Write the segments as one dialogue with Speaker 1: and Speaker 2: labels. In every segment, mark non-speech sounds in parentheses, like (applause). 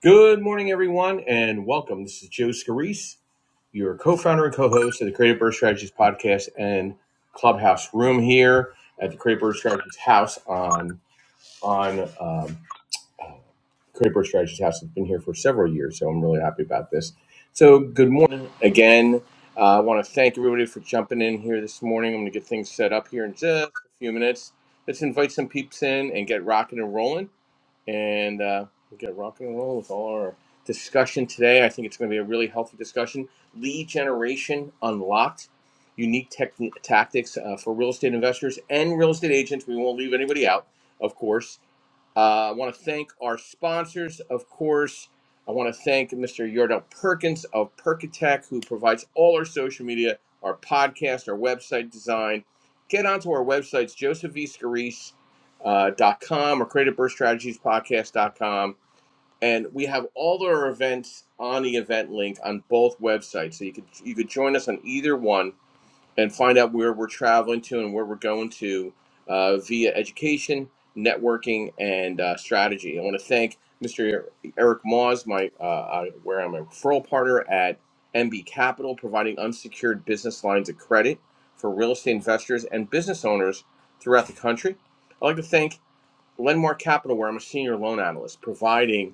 Speaker 1: Good morning, everyone, and welcome. This is Joe Scarice, your co-founder and co-host of the Creative Birth Strategies podcast and Clubhouse Room here at the Creative Birth Strategies House on on um, Creative Birth Strategies House. It's been here for several years, so I'm really happy about this. So, good morning again. Uh, I want to thank everybody for jumping in here this morning. I'm going to get things set up here in just a few minutes. Let's invite some peeps in and get rocking and rolling and uh, we got rock and roll with all our discussion today. I think it's going to be a really healthy discussion. Lead generation unlocked, unique techni tactics uh, for real estate investors and real estate agents. We won't leave anybody out, of course. Uh, I want to thank our sponsors, of course. I want to thank Mr. Yordell Perkins of Perkatech, who provides all our social media, our podcast, our website design. Get onto our websites, joseph v scarice uh, dot com or Creative birth Strategies Podcast dot com, And we have all our events on the event link on both websites. So you could you could join us on either one and find out where we're traveling to and where we're going to uh, via education, networking, and uh, strategy. I want to thank Mr. Eric Moz, my uh, uh, where I'm a referral partner at MB Capital, providing unsecured business lines of credit for real estate investors and business owners throughout the country. I'd like to thank Lenmark Capital, where I'm a senior loan analyst, providing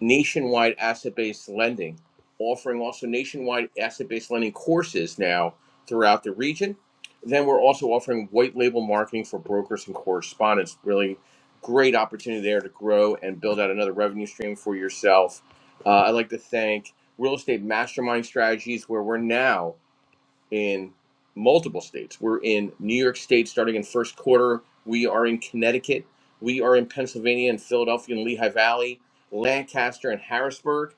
Speaker 1: nationwide asset-based lending, offering also nationwide asset-based lending courses now throughout the region. Then we're also offering white label marketing for brokers and correspondents. Really great opportunity there to grow and build out another revenue stream for yourself. Uh, I'd like to thank Real Estate Mastermind Strategies, where we're now in multiple states. We're in New York State starting in first quarter. We are in Connecticut. We are in Pennsylvania and Philadelphia and Lehigh Valley, Lancaster and Harrisburg.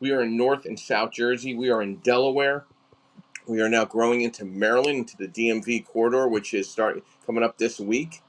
Speaker 1: We are in North and South Jersey. We are in Delaware. We are now growing into Maryland, into the DMV corridor, which is starting coming up this week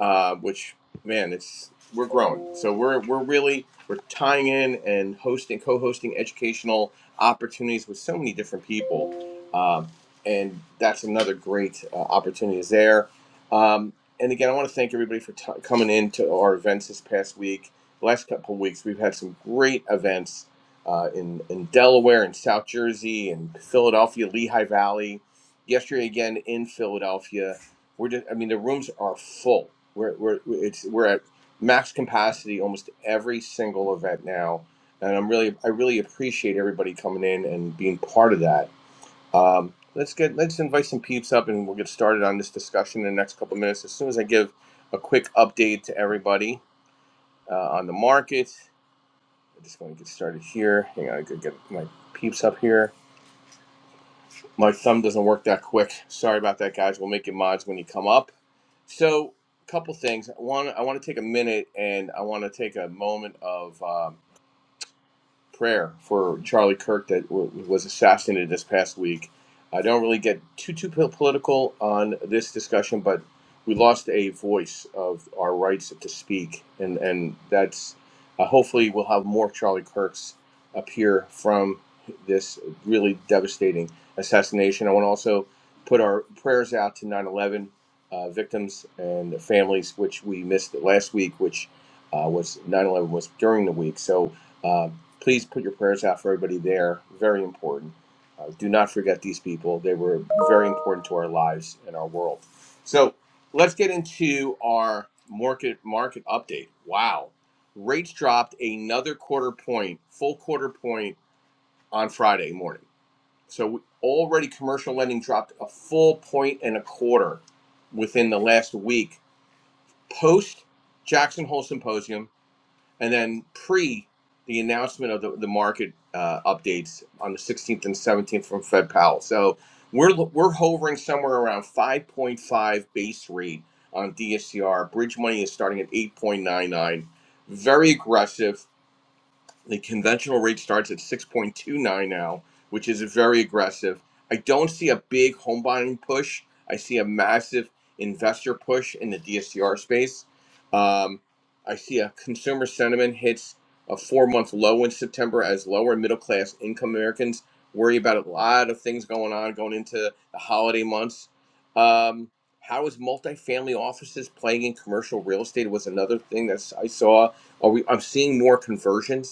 Speaker 1: uh, which man, it's we're growing. So we're we're really we're tying in and hosting, co-hosting educational opportunities with so many different people, um, and that's another great uh, opportunity is there. Um, and again, I want to thank everybody for t- coming in to our events this past week. The last couple of weeks, we've had some great events uh, in in Delaware and South Jersey and Philadelphia, Lehigh Valley. Yesterday again in Philadelphia we're just, I mean, the rooms are full. We're, we're, it's, we're at max capacity almost every single event now. And I'm really, I really appreciate everybody coming in and being part of that. Um, let's get, let's invite some peeps up and we'll get started on this discussion in the next couple of minutes. As soon as I give a quick update to everybody uh, on the market, I'm just going to get started here. Hang on, I could get my peeps up here. My thumb doesn't work that quick. Sorry about that, guys. We'll make it mods when you come up. So, a couple things. One, I want to take a minute and I want to take a moment of um, prayer for Charlie Kirk that w- was assassinated this past week. I don't really get too too political on this discussion, but we lost a voice of our rights to speak, and and that's uh, hopefully we'll have more Charlie Kirks appear from this really devastating assassination. I want to also put our prayers out to 9/11 uh, victims and their families, which we missed last week, which uh, was 9/11 was during the week, so. uh, please put your prayers out for everybody there. Very important. Uh, do not forget these people. They were very important to our lives and our world. So let's get into our market market update. Wow, rates dropped another quarter point, full quarter point on Friday morning. So we, already commercial lending dropped a full point and a quarter within the last week post Jackson Hole Symposium and then pre the announcement of the, the market uh, updates on the 16th and 17th from Fed Powell. So we're, we're hovering somewhere around 5.5 base rate on DSCR. Bridge money is starting at 8.99. Very aggressive the conventional rate starts at 6.29 now, which is very aggressive. I don't see a big home buying push. I see a massive investor push in the DSCR space. Um, I see a consumer sentiment hits a four month low in September as lower middle class income Americans worry about a lot of things going on going into the holiday months. Um, how is multifamily offices playing in commercial real estate was another thing that I saw. Are we? I'm seeing more conversions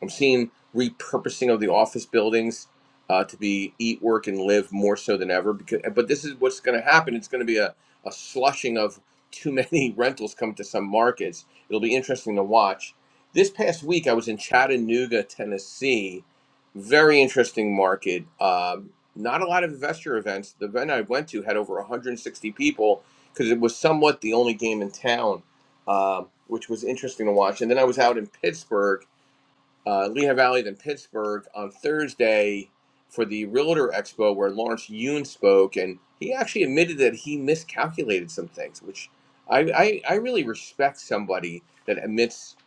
Speaker 1: I'm seeing repurposing of the office buildings uh, to be eat, work, and live more so than ever. Because, but this is what's going to happen. It's going to be a, a slushing of too (laughs) many rentals coming to some markets. It'll be interesting to watch. This past week, I was in Chattanooga, Tennessee. Very interesting market. Um, not a lot of investor events. The event I went to had over 160 people because it was somewhat the only game in town, um, which was interesting to watch. And then I was out in Pittsburgh uh, Lehigh Valley, then Pittsburgh on Thursday for the Realtor Expo where Lawrence Yun spoke, and he actually admitted that he miscalculated some things, which I, I, I really respect somebody that admits a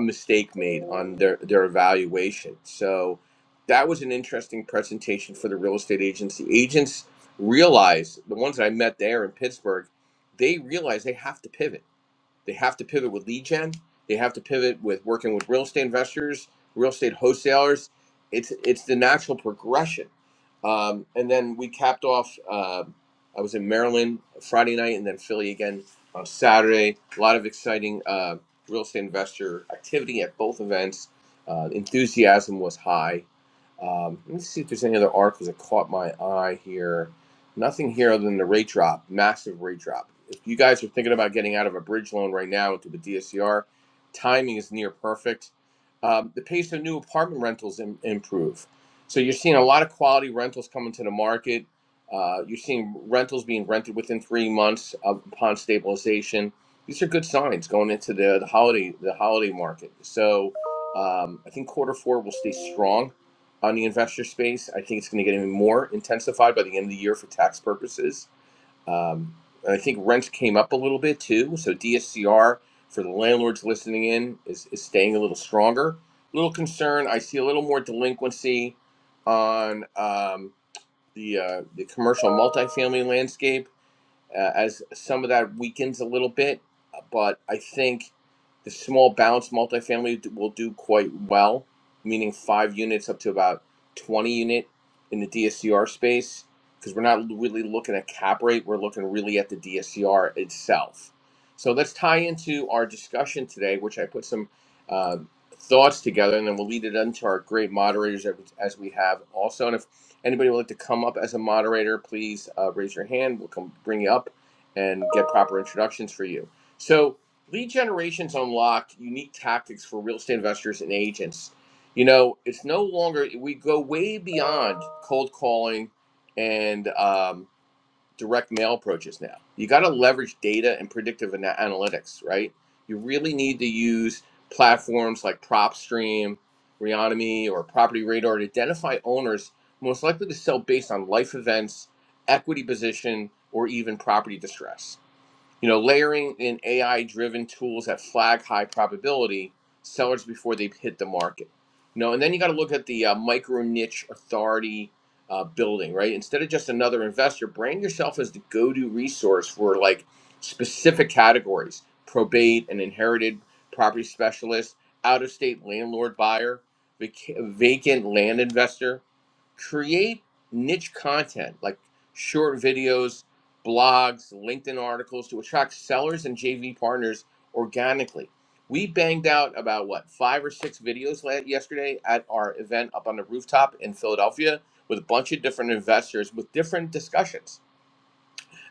Speaker 1: mistake made on their, their evaluation. So that was an interesting presentation for the real estate agents. The agents realize, the ones that I met there in Pittsburgh, they realize they have to pivot they have to pivot with lead gen. They have to pivot with working with real estate investors, real estate wholesalers. It's it's the natural progression. Um, and then we capped off. Uh, I was in Maryland Friday night, and then Philly again on Saturday. A lot of exciting uh, real estate investor activity at both events. Uh, enthusiasm was high. Um, let me see if there's any other articles that caught my eye here. Nothing here other than the rate drop, massive rate drop. If you guys are thinking about getting out of a bridge loan right now into the DSCR, timing is near perfect. Um, the pace of new apartment rentals Im- improve. So you're seeing a lot of quality rentals coming to the market. Uh, you're seeing rentals being rented within three months of, upon stabilization. These are good signs going into the, the holiday the holiday market. So um, I think quarter four will stay strong on the investor space. I think it's going to get even more intensified by the end of the year for tax purposes. Um, and I think rents came up a little bit too. So DSCR for the landlords listening in is, is staying a little stronger. A little concern. I see a little more delinquency on um, the uh, the commercial multifamily landscape uh, as some of that weakens a little bit. But I think the small balance multifamily will do quite well, meaning five units up to about 20 unit in the DSCR space, because we're not really looking at cap rate, we're looking really at the DSCR itself. So let's tie into our discussion today, which I put some uh, thoughts together, and then we'll lead it into our great moderators as as we have also. And if Anybody would like to come up as a moderator, please uh, raise your hand. We'll come bring you up and get proper introductions for you. So, lead generations unlocked unique tactics for real estate investors and agents. You know, it's no longer we go way beyond cold calling and um, direct mail approaches now. You got to leverage data and predictive ana- analytics, right? You really need to use platforms like PropStream, Reonomy, or Property Radar to identify owners most likely to sell based on life events, equity position, or even property distress you know, layering in AI driven tools that flag high probability sellers before they hit the market. You know, and then you got to look at the uh, micro niche authority uh, building, right? Instead of just another investor, brand yourself as the go to resource for like specific categories probate and inherited property specialist, out of state landlord buyer, vac- vacant land investor. Create niche content like short videos blogs, LinkedIn articles to attract sellers and JV partners organically. We banged out about what five or six videos yesterday at our event up on the rooftop in Philadelphia with a bunch of different investors with different discussions.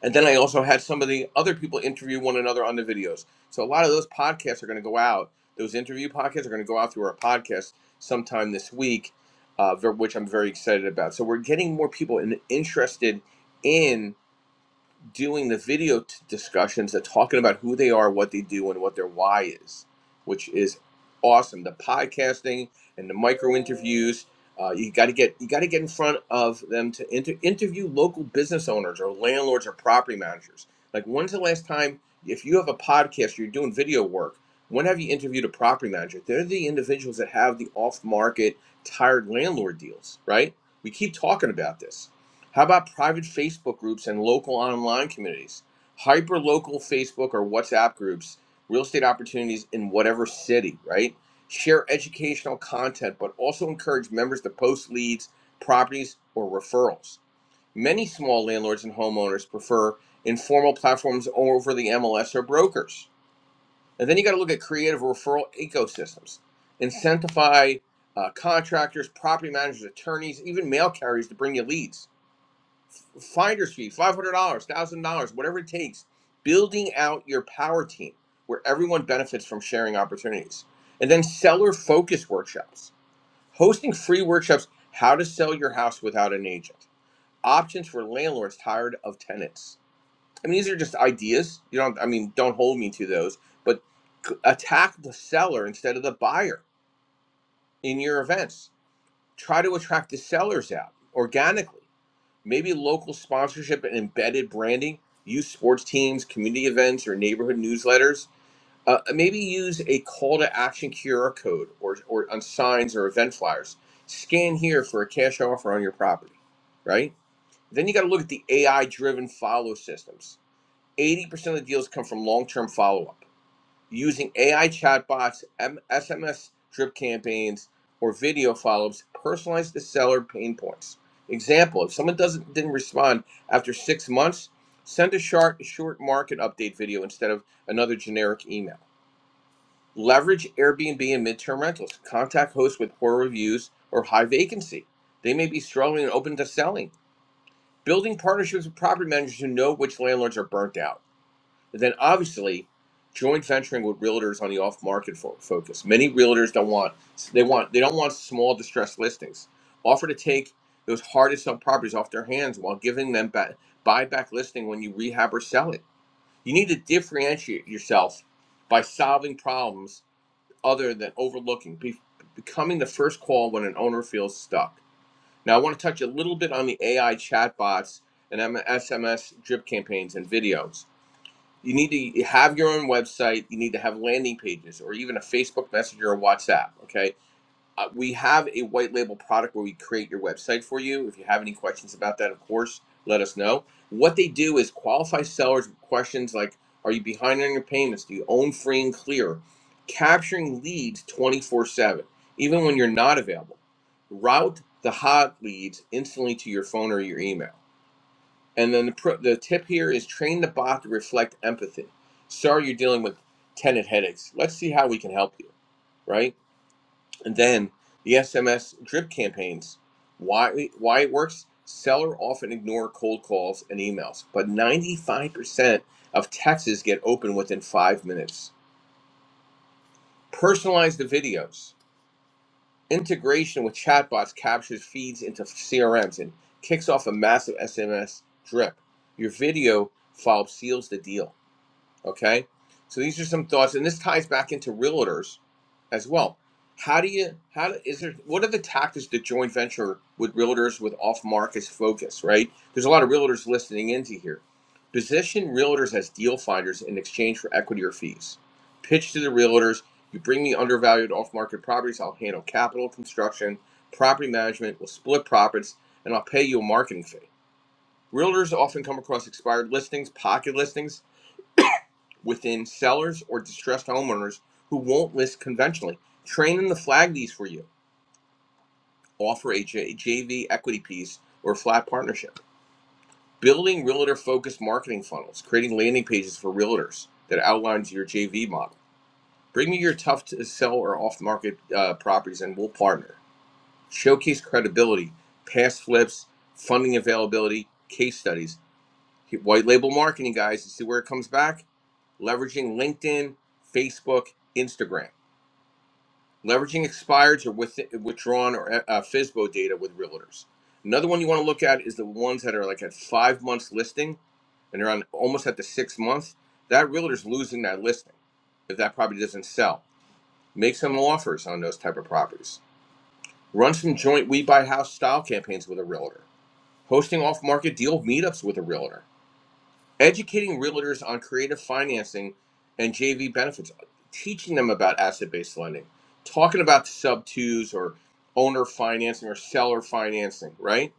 Speaker 1: And then I also had some of the other people interview one another on the videos. So a lot of those podcasts are going to go out. Those interview podcasts are going to go out through our podcast sometime this week, uh, ver- which I'm very excited about. So we're getting more people in, interested in doing the video t- discussions that talking about who they are, what they do, and what their why is, which is awesome. The podcasting and the micro interviews. Uh, you got to get you got to get in front of them to inter- interview local business owners or landlords or property managers. Like, when's the last time if you have a podcast, you're doing video work? When have you interviewed a property manager? They're the individuals that have the off market tired landlord deals, right? We keep talking about this how about private Facebook groups and local online communities? Hyper local Facebook or WhatsApp groups, real estate opportunities in whatever city, right? Share educational content, but also encourage members to post leads, properties, or referrals. Many small landlords and homeowners prefer informal platforms over the MLS or brokers. And then you got to look at creative referral ecosystems. Incentivize uh, contractors, property managers, attorneys, even mail carriers to bring you leads finder's fee, five hundred dollars, one thousand dollars, whatever it takes. Building out your power team where everyone benefits from sharing opportunities, and then seller focus workshops, hosting free workshops: how to sell your house without an agent, options for landlords tired of tenants. I mean, these are just ideas. You don't. I mean, don't hold me to those, but c- attack the seller instead of the buyer in your events. Try to attract the sellers out organically maybe local sponsorship and embedded branding use sports teams community events or neighborhood newsletters uh, maybe use a call to action qr code or, or on signs or event flyers scan here for a cash offer on your property right then you got to look at the ai driven follow systems 80% of the deals come from long-term follow-up using AI chatbots, M- SMS drip campaigns, or video follow-ups, personalize the seller pain points. Example: If someone doesn't didn't respond after six months, send a short short market update video instead of another generic email. Leverage Airbnb and midterm rentals. Contact hosts with poor reviews or high vacancy. They may be struggling and open to selling. Building partnerships with property managers who know which landlords are burnt out then obviously joint venturing with realtors on the off market fo- focus. Many realtors don't want they want they don't want small distressed listings. Offer to take those hard to sell properties off their hands while giving them back buy back listing when you rehab or sell it. You need to differentiate yourself by solving problems other than overlooking, be, becoming the first call when an owner feels stuck. Now I want to touch a little bit on the AI chatbots and M- SMS drip campaigns and videos. You need to have your own website. You need to have landing pages or even a Facebook Messenger or WhatsApp. Okay. Uh, we have a white label product where we create your website for you. If you have any questions about that, of course, let us know. What they do is qualify sellers with questions like Are you behind on your payments? Do you own free and clear? Capturing leads 24 7, even when you're not available. Route the hot leads instantly to your phone or your email. And then the, pro- the tip here is train the bot to reflect empathy. Sorry you're dealing with tenant headaches. Let's see how we can help you, right? And then the SMS drip campaigns. Why, why it works? Sellers often ignore cold calls and emails, but 95% of texts get open within five minutes. Personalize the videos. Integration with chatbots captures feeds into CRMs and kicks off a massive SMS drip. Your video follow seals the deal Okay. So these are some thoughts, and this ties back into realtors as well. How do you, how is there, what are the tactics to joint venture with realtors with off market focus, right? There's a lot of realtors listening into here. Position realtors as deal finders in exchange for equity or fees. Pitch to the realtors, you bring me undervalued off market properties, I'll handle capital construction, property management, we'll split profits, and I'll pay you a marketing fee. Realtors often come across expired listings, pocket listings, within sellers or distressed homeowners who won't list conventionally. Train them to flag these for you. Offer a J- JV equity piece or a flat partnership. Building realtor focused marketing funnels, creating landing pages for realtors that outlines your JV model. Bring me your tough to sell or off market uh, properties and we'll partner. Showcase credibility, past flips, funding availability, case studies. White label marketing, guys, to see where it comes back leveraging LinkedIn, Facebook, Instagram. leveraging expireds or with, withdrawn or uh, FISBO data with realtors. Another one you want to look at is the ones that are like at five months listing and they're on almost at the six month. That realtor's losing that listing if that property doesn't sell. Make some offers on those type of properties. Run some joint We Buy House style campaigns with a realtor. Hosting off market deal meetups with a realtor educating realtors on creative financing and JV benefits, teaching them about asset based lending, talking about sub twos or owner financing or seller financing, right?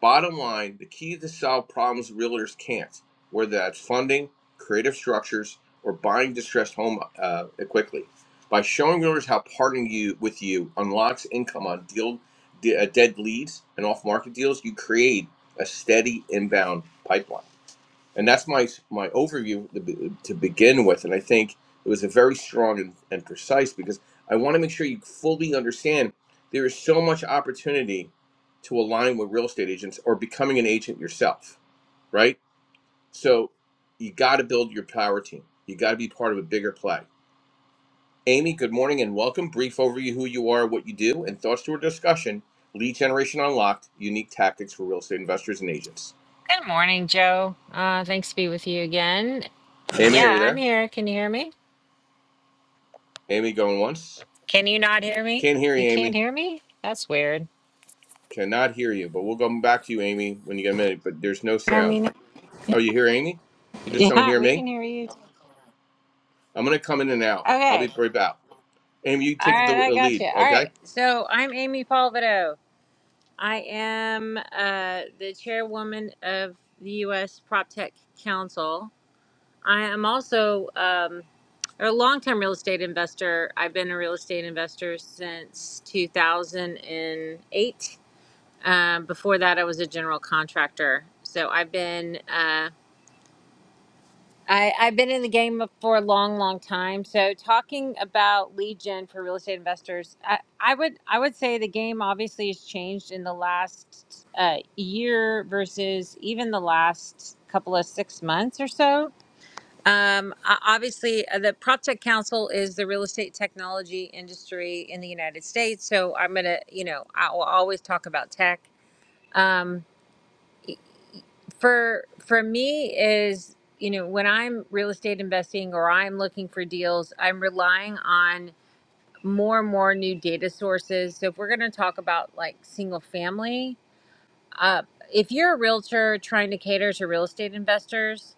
Speaker 1: Bottom line, the key to solve problems realtors can't, whether that's funding, creative structures, or buying distressed home uh, quickly. By showing realtors how partnering you with you unlocks income on deal, de- uh, dead leads and off market deals, you create a steady inbound pipeline and that's my my overview to begin with and i think it was a very strong and, and precise because i want to make sure you fully understand there is so much opportunity to align with real estate agents or becoming an agent yourself right so you got to build your power team you got to be part of a bigger play amy good morning and welcome brief overview who you are what you do and thoughts to our discussion lead generation unlocked unique tactics for real estate investors and agents
Speaker 2: Good morning, Joe. Uh, thanks to be with you again.
Speaker 1: amy are
Speaker 2: Yeah,
Speaker 1: you
Speaker 2: I'm
Speaker 1: there
Speaker 2: here. Can you hear me?
Speaker 1: amy going once
Speaker 2: Can you not hear me?
Speaker 1: can't hear you
Speaker 2: You
Speaker 1: amy
Speaker 2: can't hear me? That's weird. (laughs)
Speaker 1: Cannot hear you, but we'll come back to you, Amy, when you get a minute. But there's no sound. Oh, you hear Amy? You just don't
Speaker 2: Yeah,
Speaker 1: hear
Speaker 2: we
Speaker 1: me?
Speaker 2: can hear you.
Speaker 1: I'm going to come in and out. I'll
Speaker 2: Okay.
Speaker 1: be right back. Amy, you
Speaker 2: All
Speaker 1: take
Speaker 2: right,
Speaker 1: the,
Speaker 2: I
Speaker 1: the
Speaker 2: got
Speaker 1: lead,
Speaker 2: you. All right.
Speaker 1: okay?
Speaker 2: So I'm Amy Palvido. I am uh, the chairwoman of the U.S. Prop Tech Council. I am also um, a long-term real estate investor. I've been a real estate investor since 2008 Um, before that, I was a general contractor. So I've been uh, I, I've been in the game for a long, long time. So talking about lead gen for real estate investors, I, I would I would say the game obviously has changed in the last uh, year versus even the last couple of six months or so. Um, o- obviously, uh, the PropTech Council is the real estate technology industry in the United States. So I'm gonna, you know, I will always talk about tech. Um, for for me is you know when i'm real estate investing or i'm looking for deals i'm relying on more and more new data sources so if we're going to talk about like single family uh, if you're a realtor trying to cater to real estate investors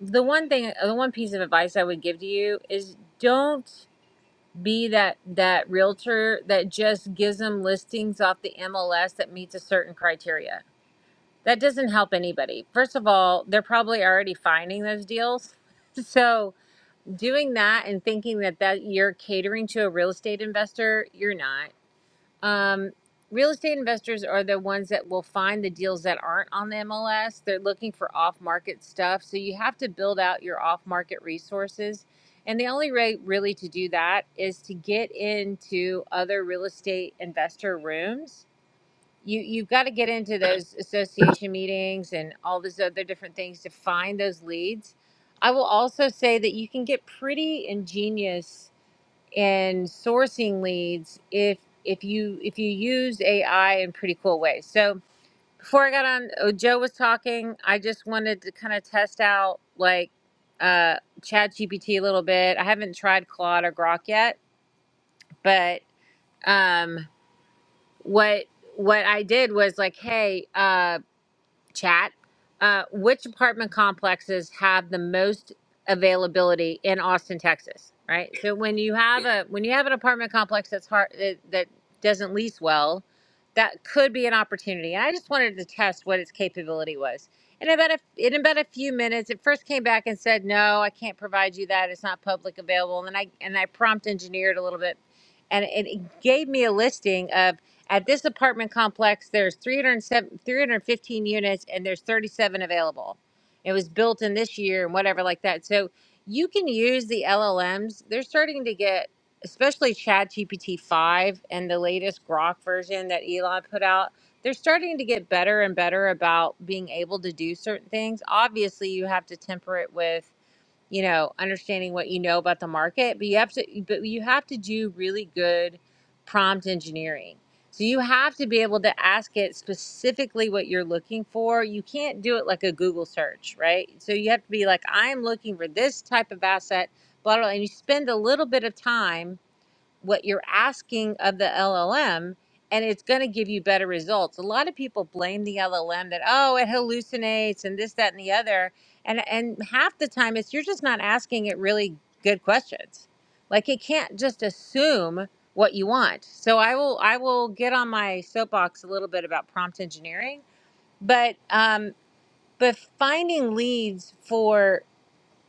Speaker 2: the one thing uh, the one piece of advice i would give to you is don't be that that realtor that just gives them listings off the mls that meets a certain criteria that doesn't help anybody. First of all, they're probably already finding those deals. (laughs) So doing that and thinking that that you're catering to a real estate investor, you're not. Um, real estate investors are the ones that will find the deals that aren't on the MLS. They're looking for off-market stuff, so you have to build out your off-market resources. And the only way really to do that is to get into other real estate investor rooms you you've got to get into those association meetings and all those other different things to find those leads. I will also say that you can get pretty ingenious in sourcing leads if if you if you use AI in pretty cool ways. So before I got on, oh, Joe was talking. I just wanted to kind of test out like uh, Chat GPT a little bit. I haven't tried Claude or Grok yet, but um, what what I did was like, hey. uh, chat. Uh, which apartment complexes have the most availability in Austin, Texas? Right. So when you have a when you have an apartment complex that's hard that, that doesn't lease well, that could be an opportunity. And I just wanted to test what its capability was. And about a, in about a few minutes, it first came back and said, "No, I can't provide you that. It's not public available." And then I and I prompt engineered a little bit, and it, it gave me a listing of. At this apartment complex, there's 307, 315 units and there's 37 available. It was built in this year and whatever like that. So you can use the LLMs. They're starting to get, especially Chat GPT 5 and the latest Grok version that Elon put out. They're starting to get better and better about being able to do certain things. Obviously, you have to temper it with you know understanding what you know about the market but you have to but you have to do really good prompt engineering so you have to be able to ask it specifically what you're looking for you can't do it like a google search right so you have to be like i'm looking for this type of asset blah blah blah," and you spend a little bit of time what you're asking of the LLM and it's going to give you better results. A lot of people blame the LLM that oh it hallucinates and this that and the other and and half the time it's you're just not asking it really good questions. Like it can't just assume what you want. So I will I will get on my soapbox a little bit about prompt engineering, but um but finding leads for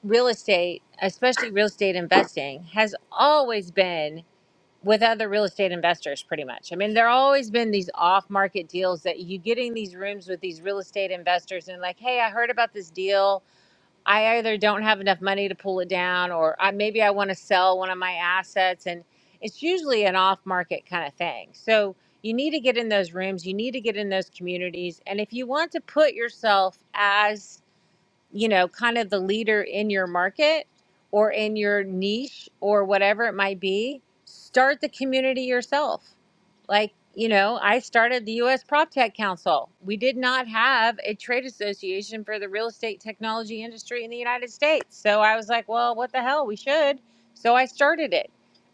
Speaker 2: real estate, especially real estate investing has always been with other real estate investors pretty much. I mean, there always been these off-market deals that you get in these rooms with these real estate investors and like, "Hey, I heard about this deal. I either don't have enough money to pull it down or I maybe I want to sell one of my assets." And it's usually an off-market kind of thing. So, you need to get in those rooms, you need to get in those communities, and if you want to put yourself as you know, kind of the leader in your market or in your niche or whatever it might be, start the community yourself. Like, you know, I started the US PropTech Council. We did not have a trade association for the real estate technology industry in the United States. So I was like, well, what the hell? We should. So I started it.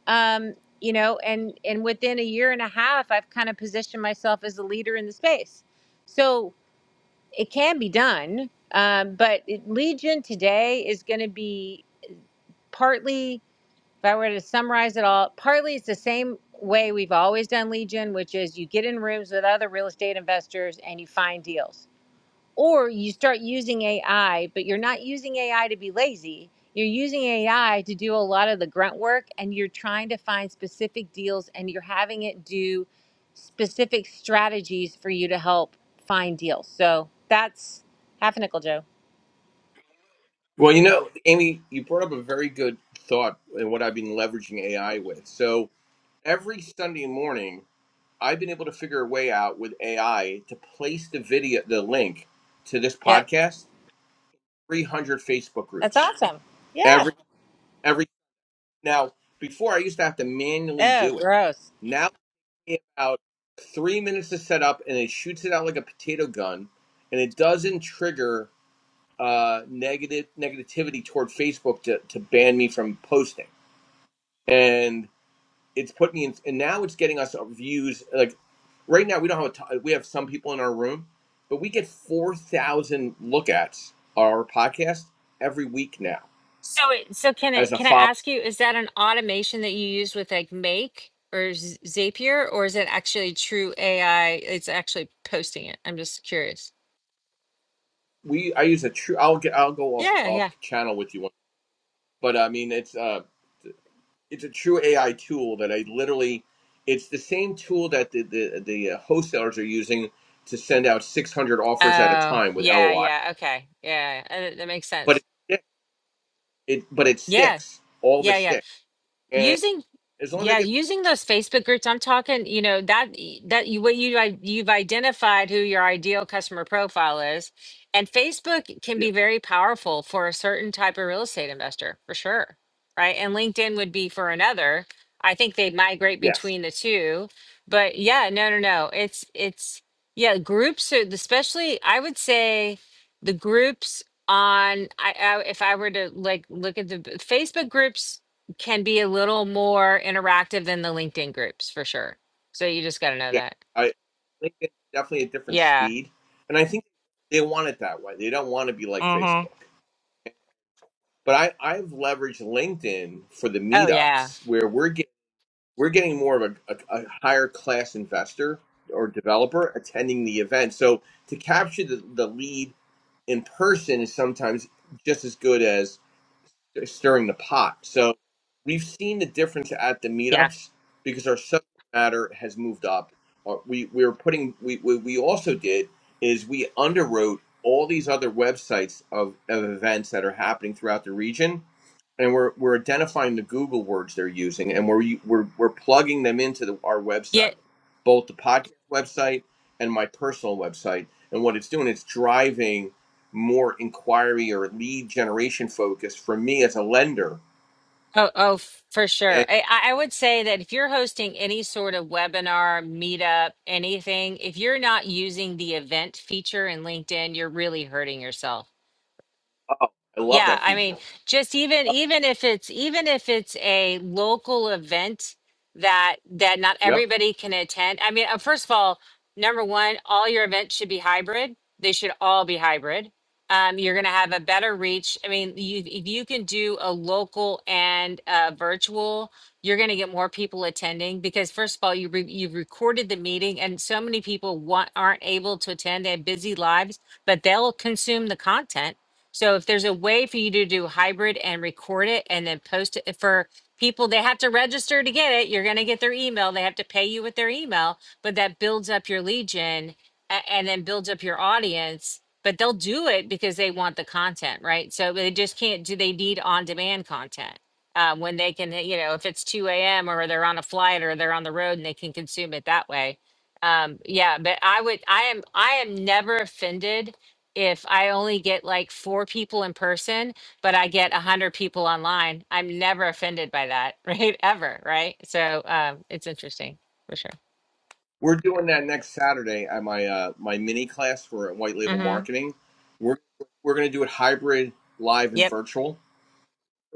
Speaker 2: Um, you know, and and within a year and a half, I've kind of positioned myself as a leader in the space. So it can be done. Um, but it, Legion today is going to be partly, if I were to summarize it all, partly it's the same way we've always done Legion, which is you get in rooms with other real estate investors and you find deals or you start using AI, but you're not using AI to be lazy. You're using AI to do a lot of the grunt work and you're trying to find specific deals and you're having it do specific strategies for you to help find deals. So that's half a nickel, Joe.
Speaker 1: Well, you know, Amy, you brought up a very good thought in what I've been leveraging AI with. So every Sunday morning, I've been able to figure a way out with AI to place the video, the link to this
Speaker 2: Yep.
Speaker 1: podcast, 300 Facebook
Speaker 2: That's
Speaker 1: groups.
Speaker 2: awesome. Yeah.
Speaker 1: Every, every, now, before I used to have to manually
Speaker 2: Oh,
Speaker 1: do it.
Speaker 2: gross.
Speaker 1: Now me about three minutes to set up, and it shoots it out like a potato gun, and it doesn't trigger uh, negative negativity toward Facebook to, to ban me from posting. And it's put me in, and now it's getting us views. Like right now, we don't have a t- we have some people in our room, but we get four thousand look ats our podcast every week now
Speaker 2: So, it, so can
Speaker 1: as
Speaker 2: it,
Speaker 1: a
Speaker 2: can I
Speaker 1: follow.
Speaker 2: ask you, is that an automation that you use with like Make or Z- Zapier, or is it actually true AI? It's actually posting it. I'm just curious.
Speaker 1: We I use a true. I'll get. I'll go off
Speaker 2: Yeah,
Speaker 1: off
Speaker 2: yeah.
Speaker 1: channel with you, one, but I mean it's uh. it's a true AI tool that I literally it's the same tool that the the, the uh, wholesalers are using to send out 600 offers at a
Speaker 2: Oh,
Speaker 1: time with
Speaker 2: yeah,
Speaker 1: LOI,
Speaker 2: yeah. Okay. Yeah, uh, that makes
Speaker 1: but
Speaker 2: sense.
Speaker 1: it, it but it
Speaker 2: Yeah,
Speaker 1: sticks. All of
Speaker 2: yeah,
Speaker 1: it
Speaker 2: yeah.
Speaker 1: sticks, and
Speaker 2: Using
Speaker 1: as long as I
Speaker 2: Yeah,
Speaker 1: get
Speaker 2: using those Facebook groups, I'm talking, you know, that y- that you what you i- you've identified who your ideal customer profile is, and Facebook can
Speaker 1: yeah
Speaker 2: be very powerful for a certain type of real estate investor, for sure, right? And LinkedIn would be for another. I think they migrate
Speaker 1: yes
Speaker 2: between the two, but yeah, no, no, no. It's it's yeah, groups are especially I would say the groups on I, I if I were to like look at the b- Facebook groups can be a little more interactive than the LinkedIn groups for sure. So you just got to know
Speaker 1: yeah
Speaker 2: that.
Speaker 1: I think it's definitely a different
Speaker 2: Yeah.
Speaker 1: speed, and I think they want it that way. They don't want to be like
Speaker 2: Mm-hmm.
Speaker 1: Facebook. But I, I've leveraged LinkedIn for the
Speaker 2: Oh yeah.
Speaker 1: meetups where we're getting we're getting more of a, a, a higher class investor or developer attending the event. So to capture the, the lead in person is sometimes just as good as stirring the pot. So we've seen the difference at the
Speaker 2: Yeah.
Speaker 1: meetups because our subject matter has moved up. Uh, We we were putting we we, we also did is we underwrote all these other websites of, of events that are happening throughout the region and we're we're identifying the Google words they're using, and we're we're we're plugging them into the, our
Speaker 2: Yeah.
Speaker 1: website, both the podcast website and my personal website. And what it's doing, it's driving more inquiry or lead generation focus for me as a lender.
Speaker 2: Oh, oh, f- for sure.
Speaker 1: And
Speaker 2: I, I I would say that if you're hosting any sort of webinar, meetup, anything, if you're not using the event feature in LinkedIn, you're really hurting yourself
Speaker 1: oh, I love
Speaker 2: Yeah,
Speaker 1: that
Speaker 2: I
Speaker 1: feature.
Speaker 2: mean, just even even if it's even if it's a local event that that not
Speaker 1: Yep,
Speaker 2: everybody can attend. I mean, uh, first of all, number one, all your events should be hybrid. They should all be hybrid. Um, you're going to have a better reach. I mean, you, if you can do a local and uh, virtual, you're going to get more people attending because first of all, you re- you've recorded the meeting, and so many people want aren't able to attend. They have busy lives, but they'll consume the content so if there's a way for you to do hybrid and record it and then post it for people, they have to register to get it. You're going to get their email. They have to pay you with their email, but that builds up your legion a- and then builds up your audience. But they'll do it because they want the content, right? So they just can't do, they need on demand content. Uh, when they can, you know, if it's 2 a.m. or they're on a flight or they're on the road and they can consume it that way. Um, yeah, but I would, I am, I am never offended if I only get like four people in person, but I get a hundred people online, I'm never offended by that, (laughs) right? Ever, right? So um, it's interesting for sure.
Speaker 1: we're doing that next Saturday at my uh, my mini class for White Label
Speaker 2: Mm-hmm.
Speaker 1: Marketing. We're we're going to do it hybrid, live, and
Speaker 2: Yep.
Speaker 1: virtual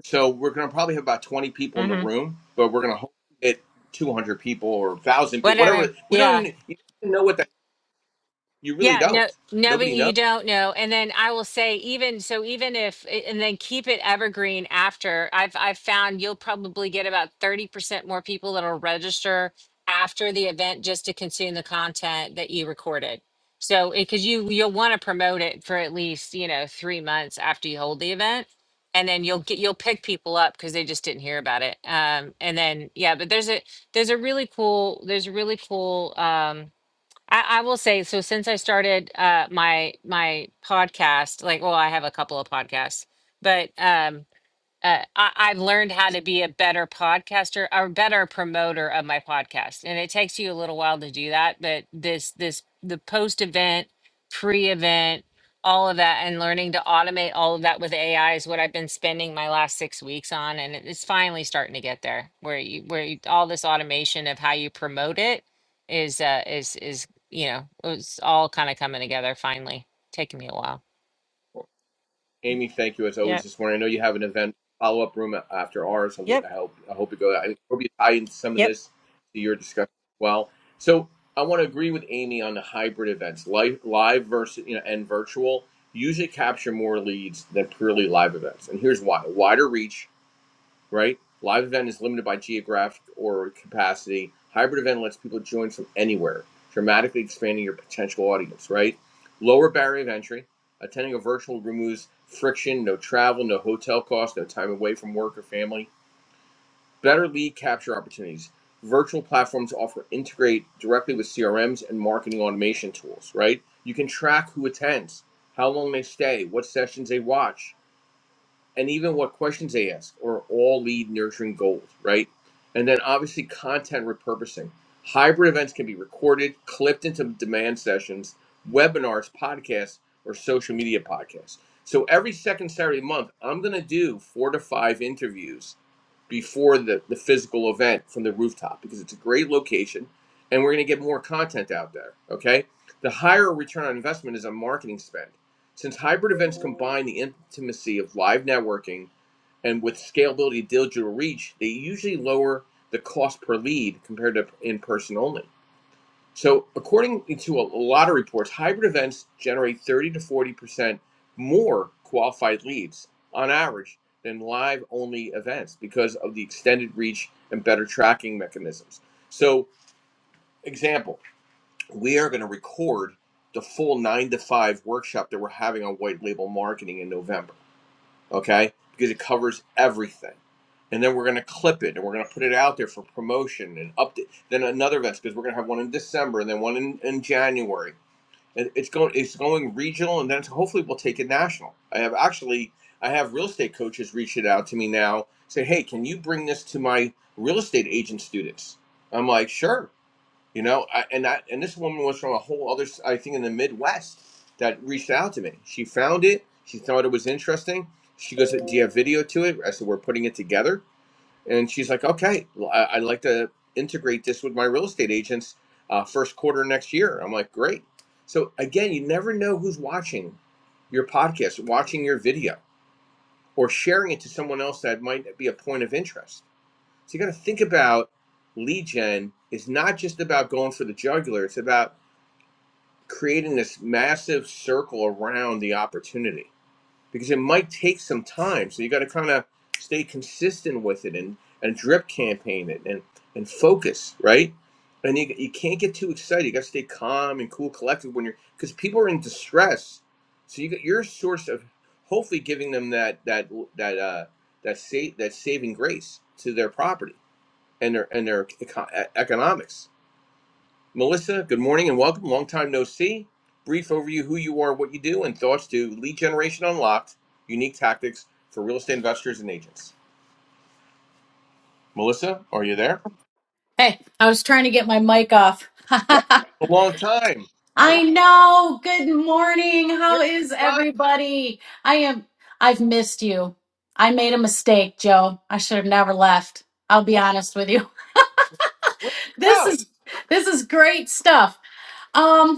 Speaker 1: So we're going to probably have about 20 people in the
Speaker 2: Mm-hmm.
Speaker 1: room, but we're going to hold it 200 people or 1,000 people,
Speaker 2: Whatever.
Speaker 1: whatever. We don't
Speaker 2: Yeah.
Speaker 1: even, you don't even know what that, you really
Speaker 2: Yeah, no,
Speaker 1: don't.
Speaker 2: no, but
Speaker 1: Nobody
Speaker 2: you
Speaker 1: knows.
Speaker 2: don't know. And then I will say, even so, even if, a- and then keep it evergreen after. I've I've found you'll probably get about thirty percent more people that'll register after the event just to consume the content that you recorded. So, because you you'll want to promote it for at least you know three months after you hold the event, and then you'll get you'll pick people up because they just didn't hear about it. Um, and then yeah, but there's a there's a really cool there's a really cool um I, I will say so since I started uh my my podcast, like well, I have a couple of podcasts, but um uh, I, I've learned how to be a better podcaster or better promoter of my podcast, and it takes you a little while to do that. But this, this, the post event, pre event, all of that, and learning to automate all of that with AI is what I've been spending my last six weeks on, and it- it's finally starting to get there. Where you, where you, all this automation of how you promote it is, uh, is, is you know, it's all kind of coming together finally. Taking me a while.
Speaker 1: Amy, thank you as
Speaker 2: Yeah.
Speaker 1: always this morning. I know you have an event follow up room after ours. I, look, I hope I hope it goes. I hope you tie in some of this to your discussion as well. So I want to agree with Amy on the hybrid events, live, live versus you know and virtual usually capture more leads than purely live events. And here's why: wider reach, right? Live event is limited by geographic or capacity. Hybrid event lets people join from anywhere, dramatically expanding your potential audience, right? Lower barrier of entry. Attending a virtual removes friction, no travel, no hotel costs, no time away from work or family. Better lead capture opportunities. Virtual platforms offer integrate directly with CRMs and marketing automation tools, right? You can track who attends, how long they stay, what sessions they watch, and even what questions they ask are all lead nurturing goals, right? And then obviously content repurposing. Hybrid events can be recorded, clipped into demand sessions, webinars, podcasts, or social media podcasts. So every second Saturday of the month, I'm going to do four to five interviews before the, the physical event from the rooftop because it's a great location and we're going to get more content out there. Okay. The higher return on investment is on marketing spend since hybrid events combine the intimacy of live networking and with scalability of digital reach, they usually lower the cost per lead compared to in person only. So, according to a lot of reports, hybrid events generate 30 to 40% more qualified leads on average than live only events because of the extended reach and better tracking mechanisms. So, example, we are going to record the full nine to five workshop that we're having on white label marketing in November. Okay. Because it covers everything. And then we're going to clip it and we're going to put it out there for promotion and update. Then another event because we're going to have one in December and then one in, in January. And it's going, it's going regional and then hopefully we'll take it national. I have actually, I have real estate coaches reaching out to me now say, Hey, can you bring this to my real estate agent students? I'm like, sure you know, I, and that and this woman was from a whole other, s- I think, in the Midwest that reached out to me. She found it. She thought it was interesting. She goes, "Do you have video to it?" I said, "We're putting it together." And she's like, "Okay, well, I, I'd like to integrate this with my real estate agents uh, first quarter next year." I'm like, "Great." So again, you never know who's watching your podcast, watching your video, or sharing it to someone else that might be a point of interest so you got to think about lead gen is not just about going for the jugular. It's about creating this massive circle around the opportunity because it might take some time. So you got to kind of stay consistent with it and, and drip campaign it and, and focus, right? And you, you can't get too excited. You got to stay calm and cool, collected when you're because people are in distress. So you got your source of hopefully giving them that that that uh, that sa- that saving grace to their property and their and their eco- e- economics. Melissa, good morning and welcome. Long time no see. Brief overview: who you are, what you do, and thoughts to lead generation unlocked. Unique tactics for real estate investors and agents. Melissa, are you there?
Speaker 3: Hey, I was trying to get my mic off.
Speaker 1: Wow,
Speaker 3: (laughs)
Speaker 1: a long time. How are you?
Speaker 3: I know. Good morning. How
Speaker 1: Where
Speaker 3: is
Speaker 1: have you gone?
Speaker 3: everybody? I am I've missed you. I made a mistake, Joe. I should have never left. I'll be
Speaker 1: What,
Speaker 3: honest with you.
Speaker 1: where
Speaker 3: (laughs)
Speaker 1: did you
Speaker 3: This
Speaker 1: go?
Speaker 3: is this is great stuff. Um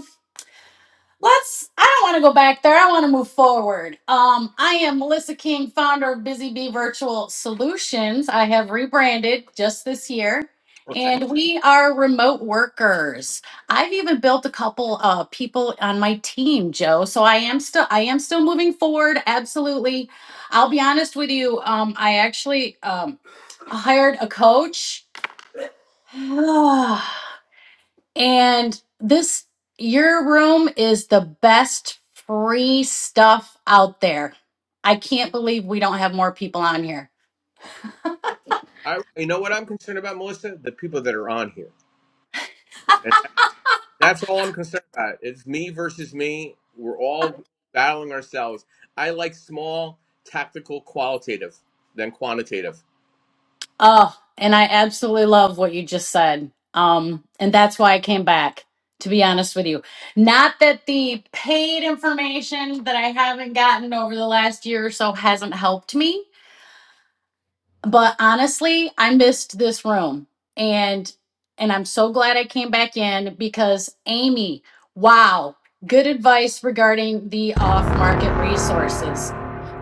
Speaker 3: Let's. I don't want to go back there. I want to move forward. Um, I am Melissa King, founder of Busy Bee Virtual Solutions. I have rebranded just this year,
Speaker 1: Okay.
Speaker 3: and we are remote workers. I've even built a couple uh, people on my team, Joe. So I am still. I am still moving forward. Absolutely. I'll be honest with you. Um, I actually um, hired a coach. (sighs) And this, your room is the best free stuff out there. I can't believe we don't have more people on here.
Speaker 1: I, you know what I'm concerned about, Melissa? The people that are on here. That's all I'm concerned about. It's me versus me. We're all battling ourselves. I like small, tactical, qualitative than quantitative.
Speaker 3: Oh, and I absolutely love what you just said. Um, and that's why I came back, to be honest with you. Not that the paid information that I haven't gotten over the last year or so hasn't helped me but honestly i missed this room and and i'm so glad i came back in because amy wow good advice regarding the off market resources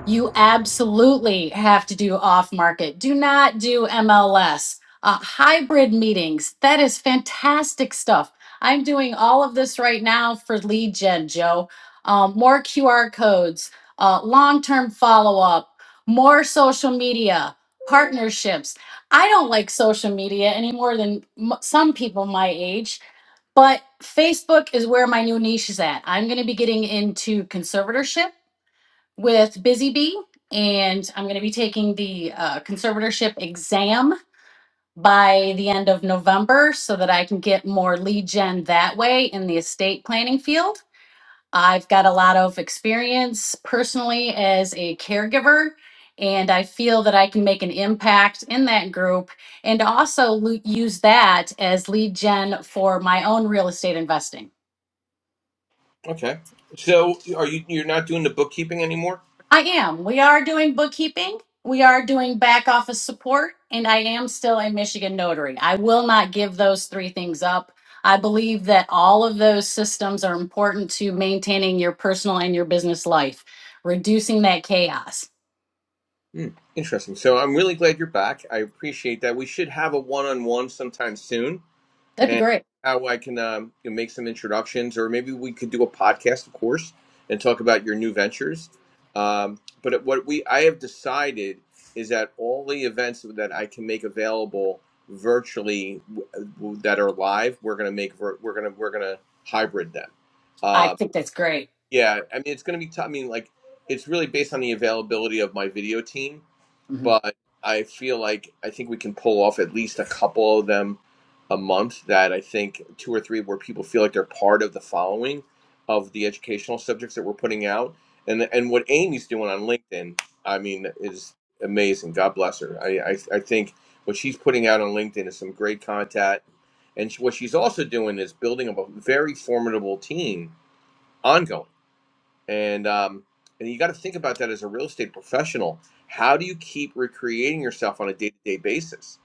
Speaker 3: you absolutely have to do off market. Do not do MLS. Uh, hybrid meetings, that is fantastic stuff. I'm doing all of this right now for lead gen, Joe. Um, more QR codes, uh, long term follow up, more social media, partnerships. I don't like social media any more than m- some people my age, but Facebook is where my new niche is at. I'm going to be getting into conservatorship with Busy Bee, and I'm going to be taking the uh, conservatorship exam by the end of November so that I can get more lead gen that way in the estate planning field. I've got a lot of experience personally as a caregiver, and I feel that I can make an impact in that group and also lo- use that as lead gen for my own real estate investing.
Speaker 1: Okay. So are you you're not doing the bookkeeping anymore?
Speaker 3: I am. We are doing bookkeeping. We are doing back office support, and I am still a Michigan notary. I will not give those three things up. I believe that all of those systems are important to maintaining your personal and your business life, reducing that chaos.
Speaker 1: Hmm. Interesting. So I'm really glad you're back. I appreciate that. We should have a one-on-one sometime soon.
Speaker 3: That'd be
Speaker 1: and
Speaker 3: great.
Speaker 1: how I can um, you know, make some introductions, or maybe we could do a podcast, of course, and talk about your new ventures. Um, but what we I have decided is that all the events that I can make available virtually that are live, we're gonna make we're gonna we're gonna hybrid them.
Speaker 3: I
Speaker 1: Uh,
Speaker 3: think that's great.
Speaker 1: yeah, I mean it's gonna be tough. I mean like it's really based on the availability of my video team
Speaker 3: Mhm.
Speaker 1: but I feel like I think we can pull off at least a couple of them a month that I think two or three where people feel like they're part of the following of the educational subjects that we're putting out. And and what Amy's doing on LinkedIn, I mean, is amazing. God bless her. I I, I think what she's putting out on LinkedIn is some great content. And she, what she's also doing is building up a very formidable team ongoing and um, and you got to think about that as a real estate professional. How do you keep recreating yourself on a day to day basis?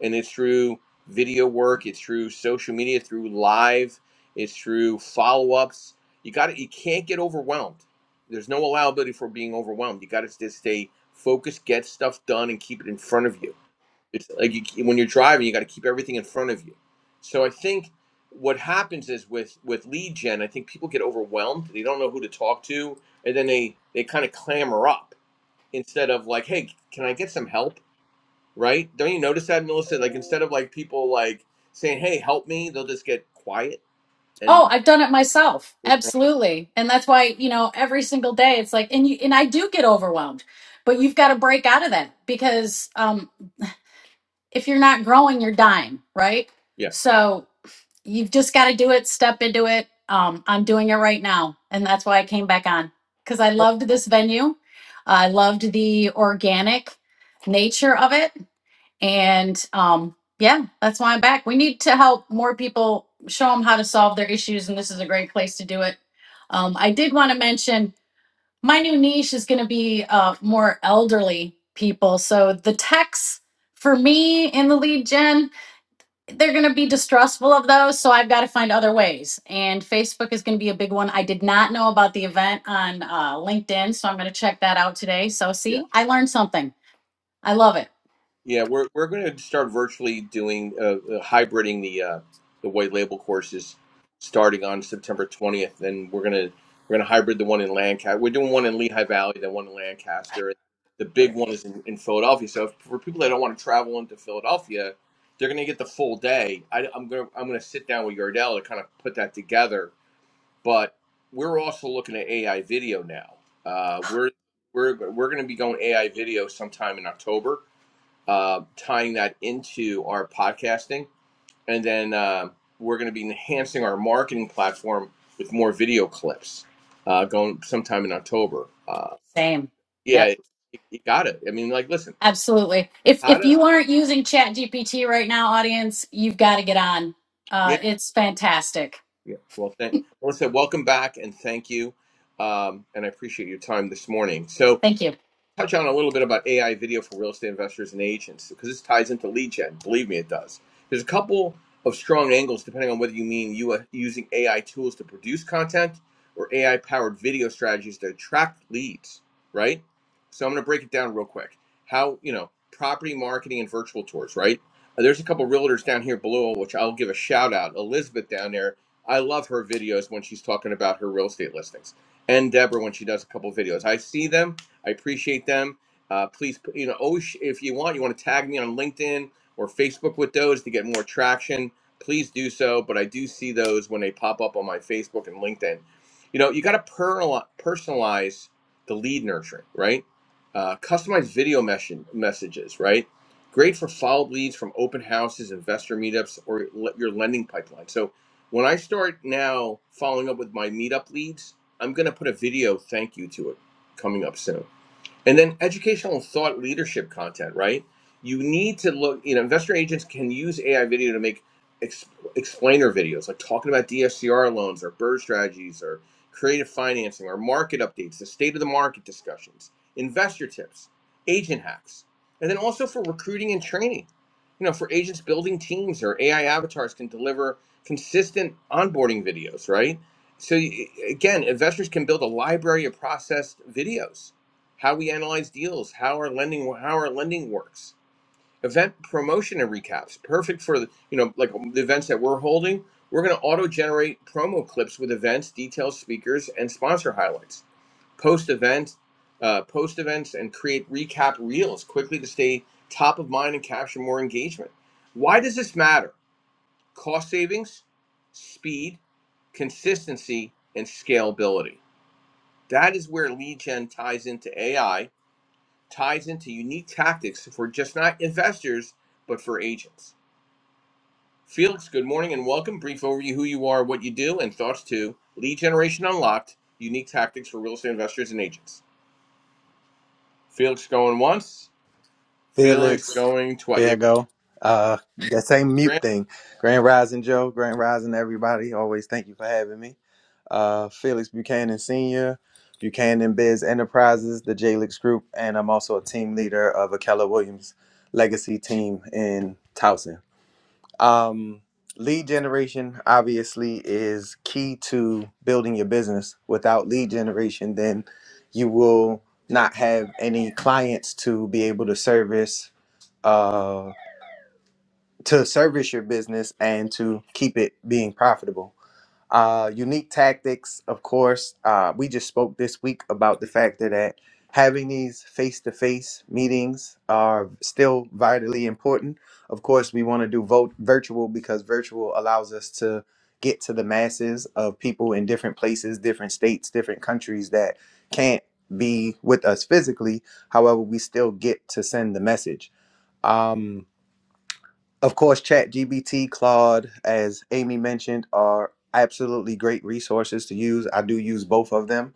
Speaker 1: And it's through video work, it's through social media, through live, it's through follow ups. You got to you can't get overwhelmed. There's no allowability for being overwhelmed. You got to just stay focused, get stuff done, and keep it in front of you it's like you, when you're driving, you got to keep everything in front of you. So I think what happens is with with lead gen, I think people get overwhelmed. They don't know who to talk to, and then they they kind of clamor up instead of like, hey, can I get some help? Right? Don't you notice that, Melissa? Like instead of like people like saying, hey, help me, they'll just get quiet
Speaker 3: Oh,
Speaker 1: and
Speaker 3: I've done it myself.
Speaker 1: withdraw.
Speaker 3: Absolutely. And that's why, you know, every single day it's like and you and I do get overwhelmed. But you've got to break out of that because um if you're not growing, you're dying, right?
Speaker 1: Yeah.
Speaker 3: So you've just got to do it, step into it. Um, I'm doing it right now. And that's why I came back on because I loved this venue. I loved the organic nature of it. And um, yeah, that's why I'm back. We need to help more people show them how to solve their issues. And this is a great place to do it. Um, I did want to mention my new niche is going to be uh, more elderly people. So the techs for me in the lead gen they're going to be distrustful of those so i've got to find other ways and facebook is going to be a big one i did not know about the event on uh, linkedin so i'm going to check that out today so see i learned something i love it
Speaker 1: Yeah, we're we're going to start virtually doing uh, uh, hybriding the uh, the white label courses starting on September 20th, and we're gonna we're gonna hybrid the one in Lancaster. We're doing one in Lehigh Valley, then one in Lancaster. The big
Speaker 3: Great.
Speaker 1: one is in, in Philadelphia. So if, for people that don't want to travel into Philadelphia, they're gonna get the full day. I, I'm gonna I'm gonna sit down with Yardell to kind of put that together. But we're also looking at AI video now. Uh, we're we're we're gonna be going AI video sometime in October uh, tying that into our podcasting. And then uh, we're going to be enhancing our marketing platform with more video clips uh, going sometime in October. Uh,
Speaker 3: same
Speaker 1: yeah,
Speaker 3: yep
Speaker 1: you, got it. I mean, like, listen,
Speaker 3: absolutely if
Speaker 1: how
Speaker 3: if
Speaker 1: to,
Speaker 3: you aren't using chat gpt right now audience you've got to get on
Speaker 1: yeah,
Speaker 3: uh, it's fantastic
Speaker 1: yeah. Well, thank, I want to say, welcome back and thank you. Um, and I appreciate your time this morning. So,
Speaker 3: thank you
Speaker 1: touch on a little bit about AI video for real estate investors and agents because this ties into lead gen. Believe me, it does. There's a couple of strong angles depending on whether you mean you are using AI tools to produce content or AI powered video strategies to attract leads, right? So I'm going to break it down real quick. How, you know, property marketing and virtual tours, right? Uh, There's a couple realtors down here below, which I'll give a shout out. Elizabeth down there, I love her videos when she's talking about her real estate listings, and Deborah when she does a couple videos. I see them I appreciate them. Uh, please, you know, always if you want, you want to tag me on LinkedIn or Facebook with those to get more traction. Please do so. But I do see those when they pop up on my Facebook and LinkedIn. You know, you got to personalize the lead nurturing, right? Uh, customized video mesh- messages, right? Great for follow up leads from open houses, investor meetups, or le- your lending pipeline. So when I start now following up with my meetup leads, I'm going to put a video thank you to it coming up soon and then educational thought leadership content, right? You need to look, you know, investor agents can use AI video to make ex- explainer videos, like talking about DSCR loans or bird strategies or creative financing or market updates, the state of the market discussions, investor tips, agent hacks. And then also for recruiting and training, you know, for agents building teams or AI avatars can deliver consistent onboarding videos, right? So again, investors can build a library of processed videos how we analyze deals, how our lending how our lending works. Event promotion and recaps, perfect for the, you know like um, the events that we're holding. We're going to auto generate promo clips with events, details, speakers, and sponsor highlights. Post event, uh, post events, and create recap reels quickly to stay top of mind and capture more engagement. Why does this matter? Cost savings, speed, consistency, and scalability. That is where lead gen ties into AI ties into unique tactics for just not investors, but for agents. Felix, good morning and welcome. Brief overview who you are, what you do, and thoughts to Lead Generation Unlocked Unique Tactics for Real Estate Investors and Agents. Felix going once, Felix
Speaker 4: Felix.
Speaker 1: going twice.
Speaker 4: There I go. Uh, that same mute
Speaker 1: Grant.
Speaker 4: thing. Grand Rising Joe, Grand Rising everybody. Always thank you for having me. Uh, Felix Buchanan Sr., Buchanan Biz Enterprises, the JLix Group, and I'm also a team leader of a Keller Williams legacy team in Towson. Um, lead generation obviously is key to building your business. Without lead generation, then you will not have any clients to be able to service uh, to service your business and to keep it being profitable. Uh, unique tactics, of course. Uh, we just spoke this week about the fact that having these face-to-face meetings are still vitally important. Of course, we want to do vote virtual because virtual allows us to get to the masses of people in different places, different states, different countries that can't be with us physically. However, we still get to send the message. Um, of course, ChatGPT, Claude, as Amy mentioned, are absolutely great resources to use. I do use both of them,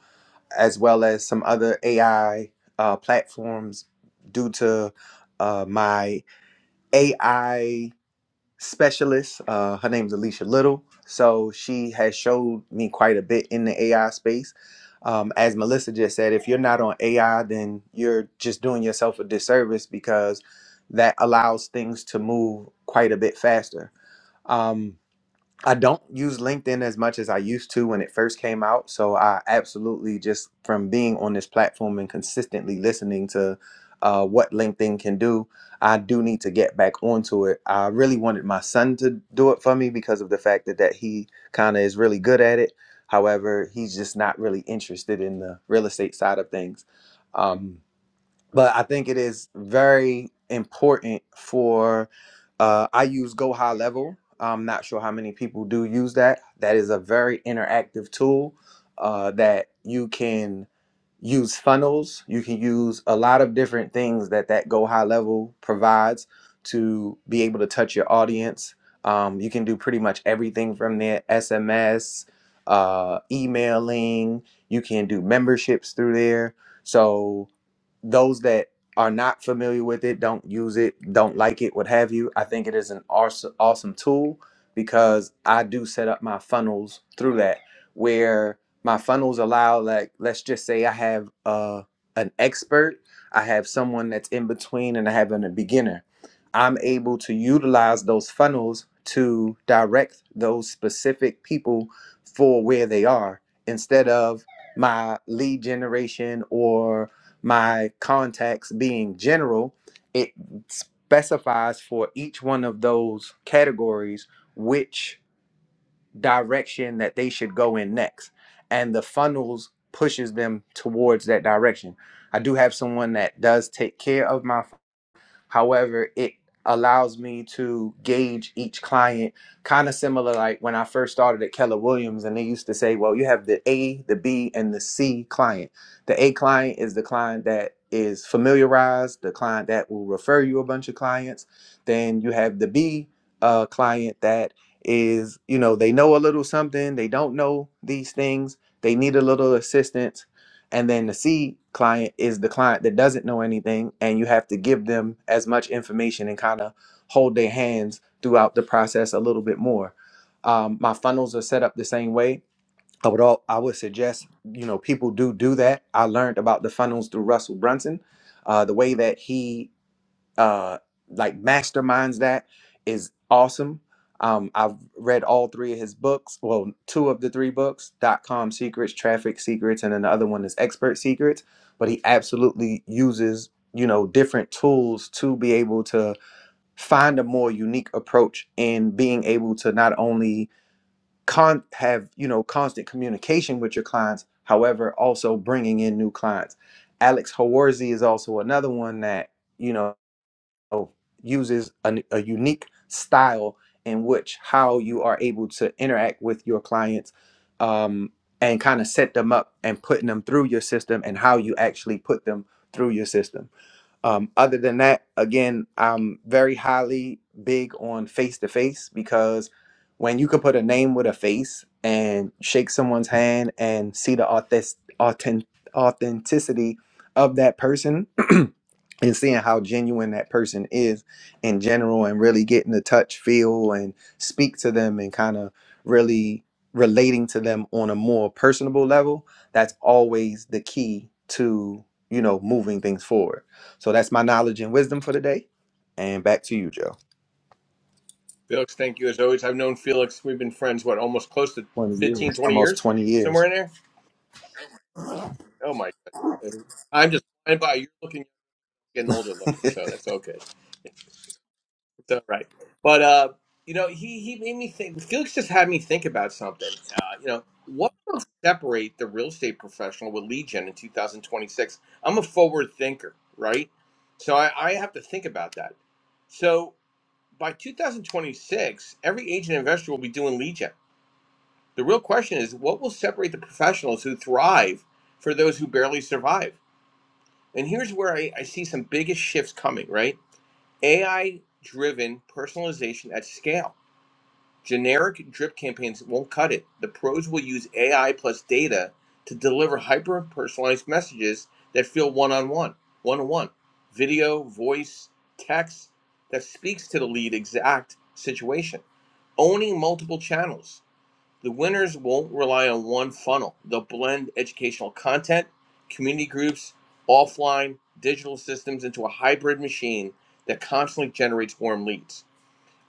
Speaker 4: as well as some other AI uh, platforms due to uh, my AI specialist. Uh, her name's Alicia Little. So she has showed me quite a bit in the AI space. Um, as Melissa just said, if you're not on AI, then you're just doing yourself a disservice because that allows things to move quite a bit faster. Um, I don't use LinkedIn as much as I used to when it first came out. So I absolutely just from being on this platform and consistently listening to uh, what LinkedIn can do, I do need to get back onto it. I really wanted my son to do it for me because of the fact that, that he kind of is really good at it. However, he's just not really interested in the real estate side of things. Um, but I think it is very important for. Uh, I use Go High Level. I'm not sure how many people do use that. That is a very interactive tool uh, that you can use funnels. You can use a lot of different things that that Go High Level provides to be able to touch your audience. Um, you can do pretty much everything from there: SMS, uh, emailing. You can do memberships through there. So those that are not familiar with it, don't use it, don't like it, what have you, I think it is an awesome, awesome tool because I do set up my funnels through that where my funnels allow, like, let's just say I have uh, an expert, I have someone that's in between, and I have an- a beginner. I'm able to utilize those funnels to direct those specific people for where they are instead of my lead generation or my contacts being general, it specifies for each one of those categories which direction that they should go in next. And the funnels pushes them towards that direction. I do have someone that does take care of my However, it allows me to gauge each client kind of similar like when I first started at Keller Williams and they used to say, well, you have the A, the B, and the C client. The A client is the client that is familiarized, the client that will refer you a bunch of clients. Then you have the B uh, client that is, you know, they know a little something, they don't know these things, they need a little assistance and then the C client is the client that doesn't know anything, and you have to give them as much information and kind of hold their hands throughout the process a little bit more. Um, my funnels are set up the same way. I would all I would suggest you know people do do that. I learned about the funnels through Russell Brunson, uh, the way that he uh like masterminds that is awesome um i've read all three of his books well two of the three books dot com secrets traffic secrets and then the other one is expert secrets but he absolutely uses you know different tools to be able to find a more unique approach in being able to not only con have you know constant communication with your clients however also bringing in new clients alex hawarzy is also another one that you know uses an, a unique style in which how you are able to interact with your clients um, and kind of set them up and putting them through your system and how you actually put them through your system um, other than that, again, I'm very highly big on face to face because when you can put a name with a face and shake someone's hand and see the authentic, authentic, authenticity of that person (clears throat) and seeing how genuine that person is in general and really getting to touch, feel, and speak to them and kind of really relating to them on a more personable level, that's always the key to, you know, moving things forward so that's my knowledge and wisdom for the day. And back to you, Joe.
Speaker 1: Felix, thank you as always. I've known Felix, we've been friends, what, almost close to
Speaker 4: 20
Speaker 1: 15,
Speaker 4: years,
Speaker 1: 20
Speaker 4: almost
Speaker 1: years?
Speaker 4: 20
Speaker 1: Somewhere
Speaker 4: years.
Speaker 1: in there? Oh my God. I'm just flying by. You're looking, getting older looking,
Speaker 4: (laughs)
Speaker 1: so that's okay. It's all right. But uh, you know, he he made me think. Felix just had me think about something. Uh, you know, what will separate the real estate professional with Legion in 2026? I'm a forward thinker, right? So I, I have to think about that. So by 2026, every agent investor will be doing Legion. The real question is, what will separate the professionals who thrive for those who barely survive? And here's where I, I see some biggest shifts coming, right? AI driven personalization at scale Generic drip campaigns won't cut it. The pros will use AI plus data to deliver hyper personalized messages that feel one on one, one on one, video, voice, text that speaks to the lead exact situation. Owning multiple channels. The winners won't rely on one funnel. They'll blend educational content, community groups, offline, digital systems into a hybrid machine that constantly generates warm leads.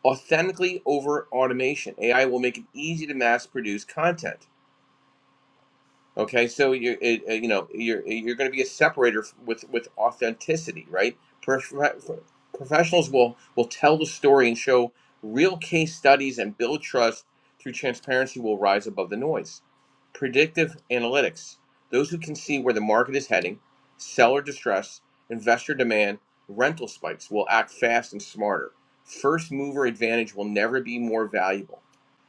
Speaker 1: Authentically over automation. AI will make it easy to mass produce content. Okay, so you're it, uh, you know you're you're going to be a separator with with authenticity, right? Prof- professionals will will tell the story and show real case studies and build trust through transparency. Will rise above the noise. Predictive analytics: those who can see where the market is heading, seller distress, investor demand, rental spikes will act fast and smarter. First mover advantage will never be more valuable.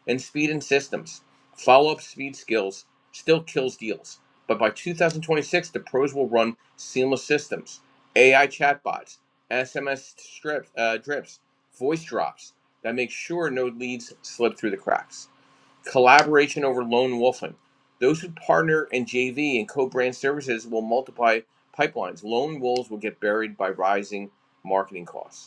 Speaker 1: And speed and systems: follow up speed skills still kills deals. But by 2026, the pros will run seamless systems, AI chatbots, SMS strips, uh, drips, voice drops that make sure no leads slip through the cracks. Collaboration over lone wolfing. Those who partner in JV and co-brand services will multiply pipelines. Lone wolves will get buried by rising marketing costs.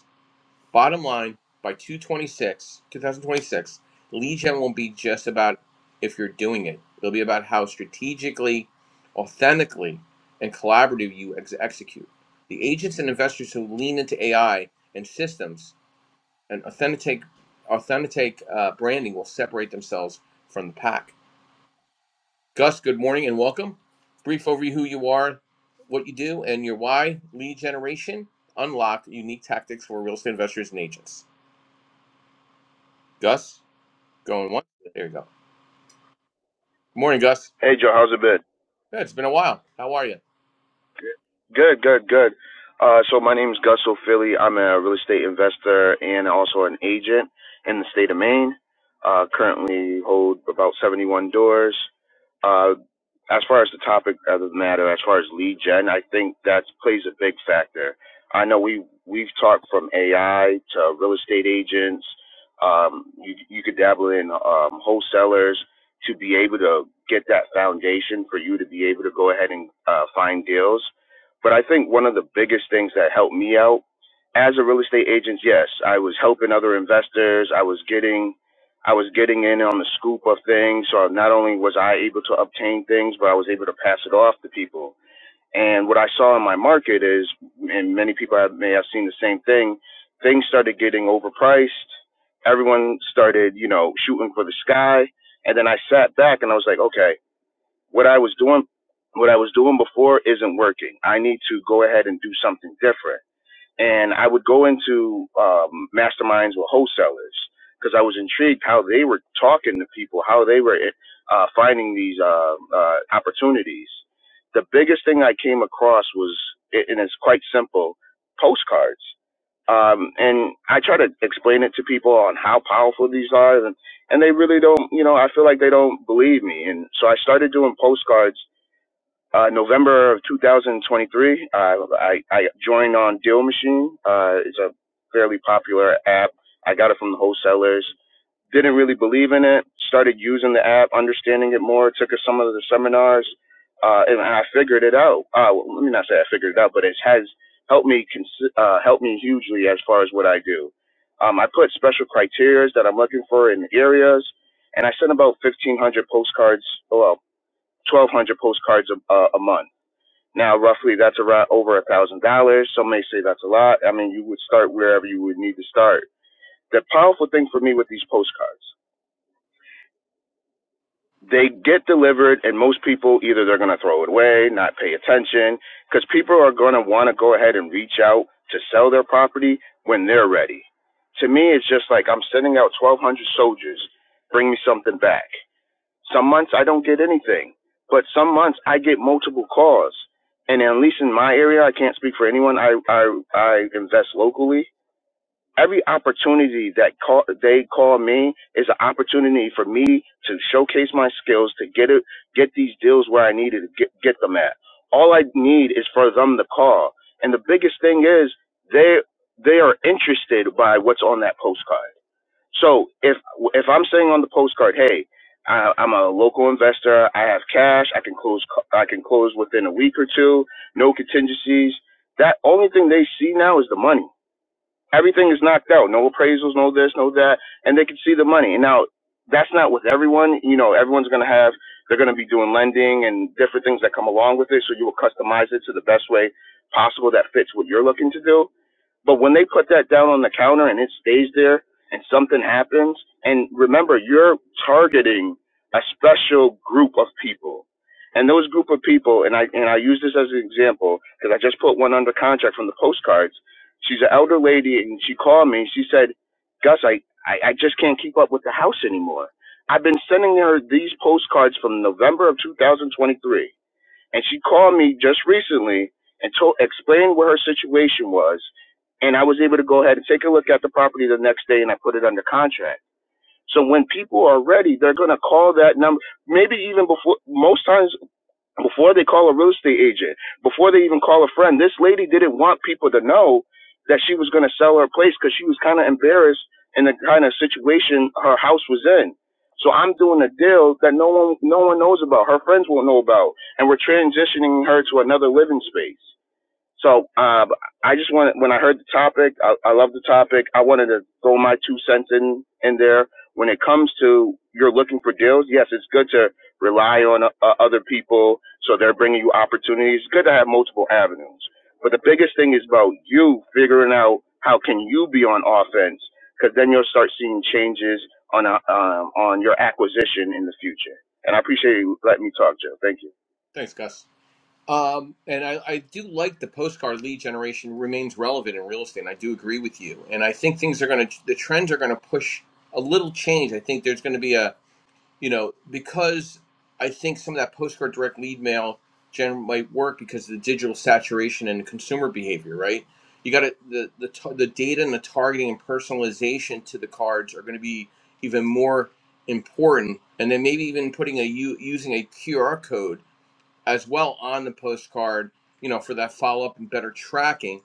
Speaker 1: Bottom line, by 226, 2026, lead gen won't be just about if you're doing it. It'll be about how strategically, authentically, and collaborative you ex- execute. The agents and investors who lean into AI and systems and authentic, authentic uh, branding will separate themselves from the pack. Gus, good morning and welcome. Brief overview who you are, what you do, and your why. Lead generation, unlock unique tactics for real estate investors and agents. Gus? Going one. There you go. Good morning, Gus.
Speaker 5: Hey Joe, how's it been?
Speaker 1: Yeah, it's been a while. How are you?
Speaker 5: Good, good, good. Uh, so my name is Gus O'Philly. I'm a real estate investor and also an agent in the state of Maine. Uh, currently hold about 71 doors. Uh, as far as the topic of the matter, as far as lead gen, I think that plays a big factor. I know we we've talked from AI to real estate agents. Um, you you could dabble in um, wholesalers to be able to get that foundation for you to be able to go ahead and uh, find deals but I think one of the biggest things that helped me out as a real estate agent, yes, I was helping other investors. I was getting, I was getting in on the scoop of things. So not only was I able to obtain things, but I was able to pass it off to people. And what I saw in my market is, and many people have, may have seen the same thing. Things started getting overpriced. Everyone started, you know, shooting for the sky. And then I sat back and I was like, okay, what I was doing, what I was doing before isn't working. I need to go ahead and do something different and I would go into um, masterminds with wholesalers because I was intrigued how they were talking to people, how they were uh, finding these uh, uh, opportunities. The biggest thing I came across was, and it's quite simple, postcards. Um, and I try to explain it to people on how powerful these are, and, and they really don't. You know, I feel like they don't believe me, and so I started doing postcards uh, November of 2023, uh, I, I joined on Deal Machine. Uh, it's a fairly popular app. I got it from the wholesalers. Didn't really believe in it. Started using the app, understanding it more. Took some of the seminars, uh, and I figured it out. Uh, well, let me not say I figured it out, but it has helped me cons- uh, helped me hugely as far as what I do. Um, I put special criteria that I'm looking for in areas, and I sent about 1,500 postcards. Well, 1,200 postcards a, a, a month now, roughly, that's around over a thousand dollars. Some may say that's a lot. I mean, you would start wherever you would need to start. The powerful thing for me with these postcards, they get delivered, and most people either they're going to throw it away, not pay attention, because people are going to want to go ahead and reach out to sell their property when they're ready. To me, it's just like I'm sending out 1,200 soldiers. Bring me something back. Some months I don't get anything, but some months I get multiple calls. And at least in my area, I can't speak for anyone. I I, I invest locally. Every opportunity that call, they call me is an opportunity for me to showcase my skills to get it, get these deals where I need to get, get them at. All I need is for them to call. And the biggest thing is they they are interested by what's on that postcard. So if if I'm saying on the postcard, hey, I, I'm a local investor. I have cash. I can close. co- I can close within a week or two. No contingencies. That only thing they see now is the money. Everything is knocked out. No appraisals. No this. No that. And they can see the money. And now that's not with everyone. You know, everyone's gonna have. They're gonna be doing lending and different things that come along with it. So you will customize it to the best way possible that fits what you're looking to do. But when they put that down on the counter and it stays there and something happens, and remember, you're targeting a special group of people. And those group of people, and I and I use this as an example because I just put one under contract from the postcards. She's an elder lady, and she called me. She said, "Gus, I, I I just can't keep up with the house anymore. I've been sending her these postcards from November of 2023 and she called me just recently and told explained what her situation was and I was able to go ahead and take a look at the property the next day and I put it under contract. So when people are ready, they're going to call that number. Maybe even before most times before they call a real estate agent, before they even call a friend, this lady didn't want people to know that she was going to sell her place because she was kind of embarrassed in the kind of situation her house was in. So I'm doing a deal that no one no one knows about. Her friends won't know about, and we're transitioning her to another living space. So uh, I just wanted, when I heard the topic, I, I love the topic. I wanted to throw my two cents in, in there. When it comes to you're looking for deals, yes, it's good to rely on uh, other people so they're bringing you opportunities. It's good to have multiple avenues. But the biggest thing is about you figuring out how can you be on offense because then you'll start seeing changes on, uh, um, on your acquisition in the future. And I appreciate you letting me talk, Joe. Thank you.
Speaker 1: Thanks, Gus. Um, and I, I do like the postcard lead generation remains relevant in real estate. And I do agree with you. And I think things are going to, the trends are going to push a little change. I think there's going to be a, you know, because I think some of that postcard direct lead mail gen might work because of the digital saturation and consumer behavior, right? You got to the the the data and the targeting and personalization to the cards are going to be even more important, and then maybe even putting a u- using a QR code as well on the postcard, you know, for that follow up and better tracking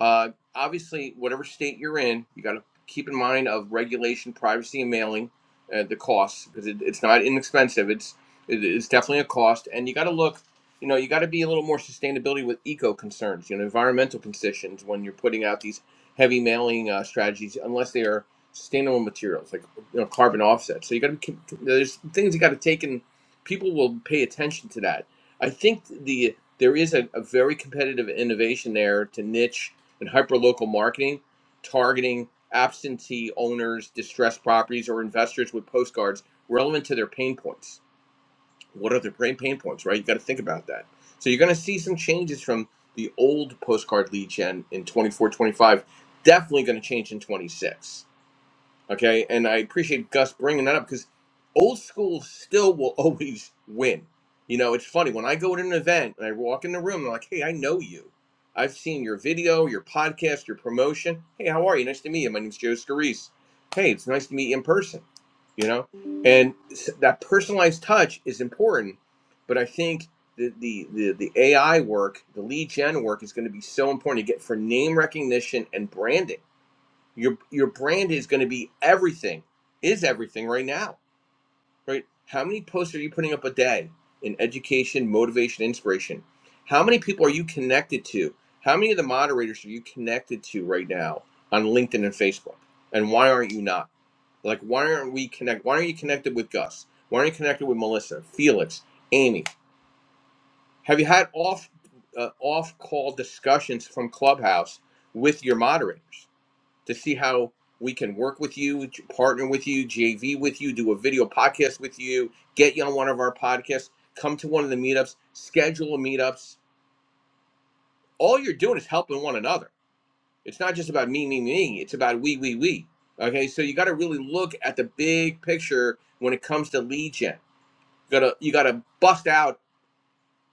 Speaker 1: uh, obviously, whatever state you're in, you got to keep in mind of regulation, privacy, and mailing, uh, the costs because it, it's not inexpensive. It's it, it's definitely a cost, and you got to look. You know, you got to be a little more sustainability with eco concerns, you know, environmental conditions when you're putting out these heavy mailing uh, strategies, unless they are sustainable materials like you know carbon offsets. So you got to there's things you got to take, and people will pay attention to that. I think the there is a, a very competitive innovation there to niche and hyperlocal marketing, targeting absentee owners, distressed properties, or investors with postcards relevant to their pain points. What are their pain pain points, right? You got to think about that. So you're going to see some changes from the old postcard lead gen in 24, 25. Definitely going to change in 26 Okay, and I appreciate Gus bringing that up because old school still will (laughs) always win. You know, it's funny when I go to an event and I walk in the room, I'm like, "Hey, I know you. I've seen your video, your podcast, your promotion. Hey, how are you? Nice to meet you. My name's Joe Scarice. Hey, it's nice to meet you in person." You know, and s- that personalized touch is important, but I think the the the, the AI work, the lead gen work, is going to be so important to get for name recognition and branding your your brand is going to be everything is everything right now right how many posts are you putting up a day in education motivation inspiration how many people are you connected to how many of the moderators are you connected to right now on linkedin and facebook and why aren't you not like why aren't we connect why aren't you connected with gus why aren't you connected with melissa felix amy have you had off uh, off call discussions from clubhouse with your moderators to see how we can work with you, partner with you, JV with you, do a video podcast with you, get you on one of our podcasts, come to one of the meetups, schedule a meetups. All you're doing is helping one another. It's not just about me, me, me. It's about we, we, we. Okay, so you got to really look at the big picture when it comes to lead gen. You gotta you gotta bust out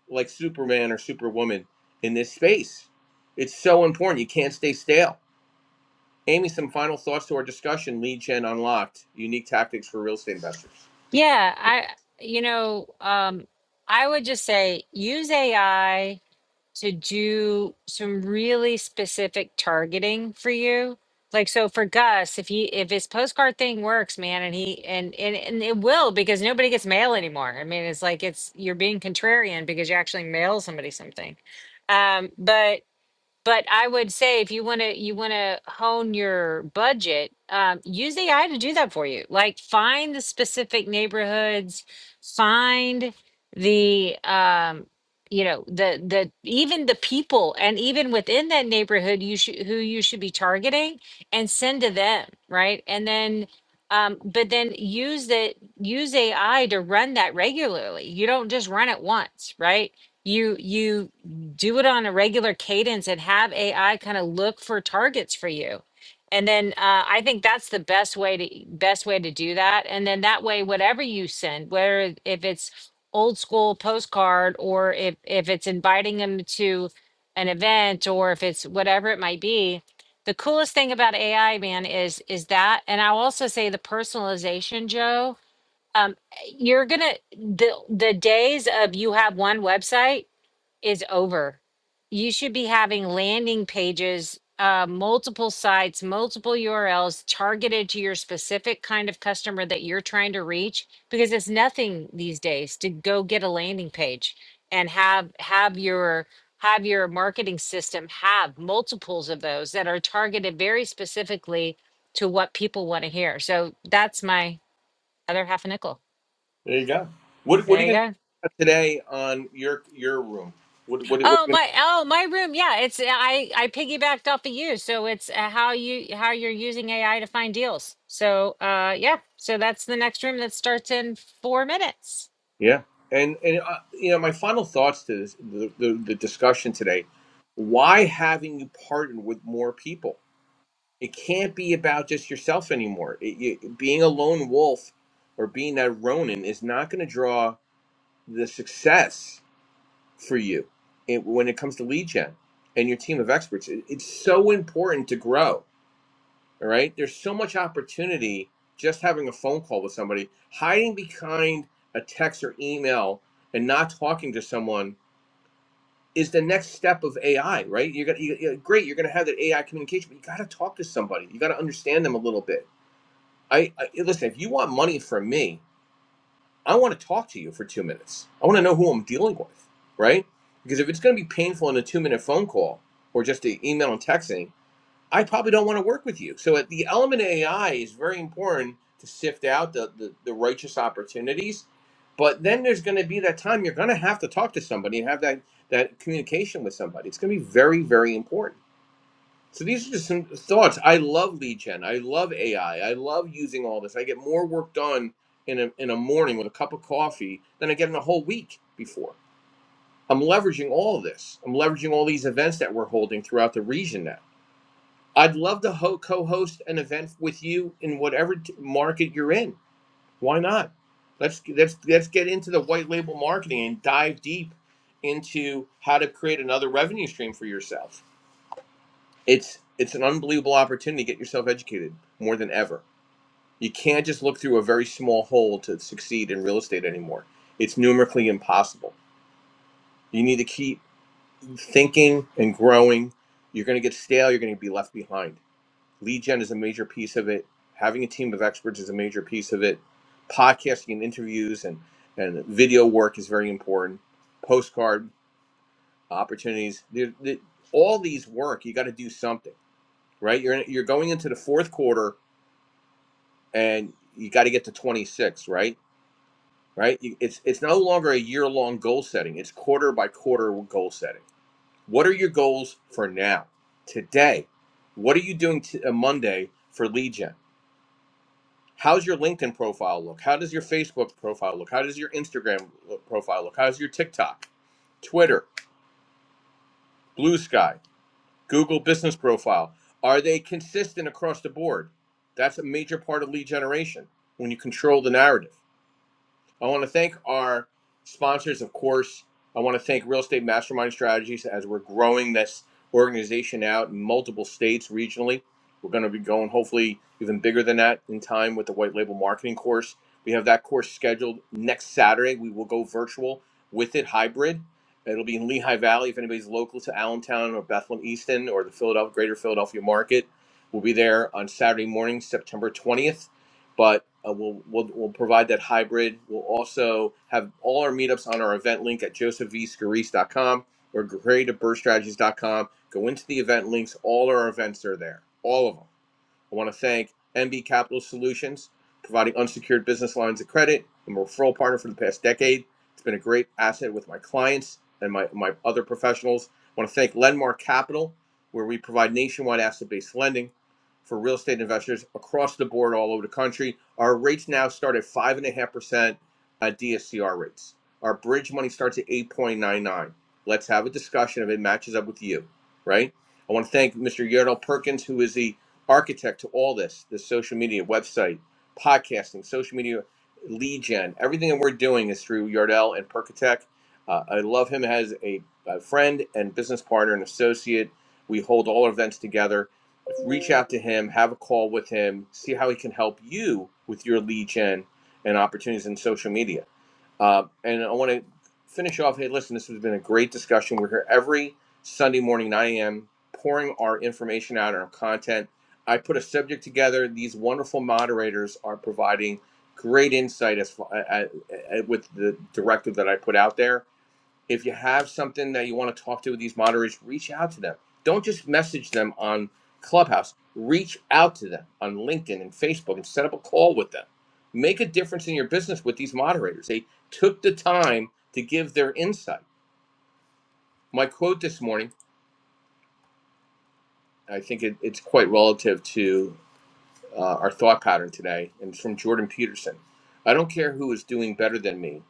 Speaker 1: like Superman or Superwoman in this space. It's so important. You can't stay stale. Amy, some final thoughts to our discussion: Lead Gen Unlocked, unique tactics for real estate investors.
Speaker 2: Yeah, I, you know, um, I would just say use AI to do some really specific targeting for you. Like so for Gus, if he if his postcard thing works, man, and he and and, and it will because nobody gets mail anymore. I mean, it's like it's you're being contrarian because you actually mail somebody something. Um, but but I would say if you want to you want to hone your budget, um, use AI to do that for you. Like find the specific neighborhoods, find the um, you know the the even the people and even within that neighborhood you should who you should be targeting and send to them right and then um, but then use that use AI to run that regularly. You don't just run it once, right? you you do it on a regular cadence and have AI kind of look for targets for you. And then uh, I think that's the best way to best way to do that. And then that way, whatever you send, whether if it's old school postcard or if if it's inviting them to an event or if it's whatever it might be, the coolest thing about AI, man, is is that. And I'll also say the personalization, Joe. Um, you're gonna the the days of you have one website is over. You should be having landing pages, uh, multiple sites, multiple URLs targeted to your specific kind of customer that you're trying to reach because it's nothing these days to go get a landing page and have have your have your marketing system have multiples of those that are targeted very specifically to what people want to hear. So that's my other half a nickel.
Speaker 1: There you go. What What are
Speaker 2: There
Speaker 1: you
Speaker 2: you
Speaker 1: going to
Speaker 2: go.
Speaker 1: do today on your your room? What What, what are
Speaker 2: Oh
Speaker 1: you going to?
Speaker 2: my, oh my room. Yeah, it's yeah, I I piggybacked off of you, so it's uh, how you how you're using AI to find deals. So uh, yeah, so that's the next room that starts in four minutes.
Speaker 1: do? Yeah. And and uh, you know, my final thoughts to this, the, the the discussion today: Why haven't you partnered with more people? It can't be about just yourself anymore. It, you, being a lone wolf or being that Ronin is not going to draw the success for you and when it comes to lead gen and your team of experts. It- It's so important to grow. All right. There's so much opportunity just having a phone call with somebody. Hiding behind a text or email and not talking to someone is the next step of AI, right? You're gonna, you, great. You're gonna have that AI communication, but you got to talk to somebody. You got to understand them a little bit. I, I listen. If you want money from me, I want to talk to you for two minutes. I want to know who I'm dealing with, right? Because if it's going to be painful in a two minute phone call or just an email and texting, I probably don't want to work with you. So at the element of AI is very important to sift out the, the, the righteous opportunities. But then there's going to be that time you're going to have to talk to somebody and have that, that communication with somebody. It's going to be very, very important. So these are just some thoughts. I love lead gen. I love AI. I I love using all this. I get more work done in a in a morning with a cup of coffee than I get in a whole week before. I'm leveraging all of this. I'm leveraging all these events that we're holding throughout the region now. I'd love to ho- co-host an event with you in whatever t- market you're in. Why not? Let's let's let's get into the white label marketing and dive deep into how to create another revenue stream for yourself it's it's an unbelievable opportunity to get yourself educated more than ever. You can't just look through a very small hole to succeed in real estate anymore. It's numerically impossible. You need to keep thinking and growing. You're going to get stale. You're going to be left behind. Lead gen is a major piece of it. Having a team of experts is a major piece of it. Podcasting and interviews and, and video work is very important. Postcard opportunities. There- there- all these work, you got to do something, right? You're, in, you're going into the fourth quarter and you got to get to 26, right? Right? It's it's no longer a year long goal setting. It's quarter by quarter goal setting. What are your goals for now, today? What are you doing t- uh, Monday for lead gen? How's your LinkedIn profile look? How does your Facebook profile look? How does your Instagram lo- profile look? How's your TikTok, Twitter, Blue Sky, Google Business Profile? Are they consistent across the board? That's a major part of lead generation when you control the narrative. I want to thank our sponsors, of course. I want to thank Real Estate Mastermind Strategies as we're growing this organization out in multiple states regionally. We're going to be going hopefully even bigger than that in time with the white label marketing course. We have that course scheduled next Saturday. We will go virtual with it, hybrid. It'll be in Lehigh Valley if anybody's local to Allentown or Bethlehem Easton or the Philadelphia, greater Philadelphia market. We'll be there on Saturday morning, September 20th but uh, we'll, we'll we'll provide that hybrid. We'll also have all our meetups on our event link at josephvscarice.com or creativebirdstrategies.com. Go into the event links. All our events are there, all of them. I want to thank MB Capital Solutions, providing unsecured business lines of credit and referral partner for the past decade. It's been a great asset with my clients and my, my other professionals. I want to thank Lenmark Capital, where we provide nationwide asset based lending for real estate investors across the board all over the country. Our rates now start at 5.5% at DSCR rates. Our bridge money starts at 8.99. Let's have a discussion if it matches up with you, right? I want to thank Mr. Yerdal Perkins, who is the architect to all this, this social media, website, podcasting, social media, lead gen. Everything that we're doing is through Yardell and Percatech. Uh, I love him as a, a friend and business partner and associate. We hold all our events together. Reach out to him, have a call with him, see how he can help you with your lead gen and opportunities in social media uh, and I want to finish off. Hey, listen, this has been a great discussion. We're here every Sunday morning, 9 a.m., pouring our information out and our content. I put a subject together. These wonderful moderators are providing great insight as, uh, with the directive that I put out there. If you have something that you want to talk to with these moderators, reach out to them. Don't just message them on Clubhouse. Reach out to them on LinkedIn and Facebook and set up a call with them. Make a difference in your business with these moderators. They took the time to give their insight. My quote this morning, I think it, it's quite relative to uh, our thought pattern today, and it's from Jordan Peterson. I don't care who is doing better than me.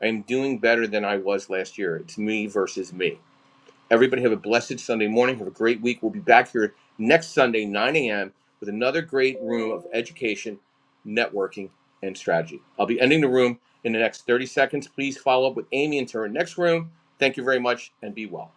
Speaker 1: I am doing better than I was last year. It's me versus me. Everybody have a blessed Sunday morning. Have a great week. We'll be back here next Sunday, 9 a.m., with another great room of education, networking, and strategy. I'll be ending the room in the next 30 seconds. Please follow up with Amy into her next room. Thank you very much and be well.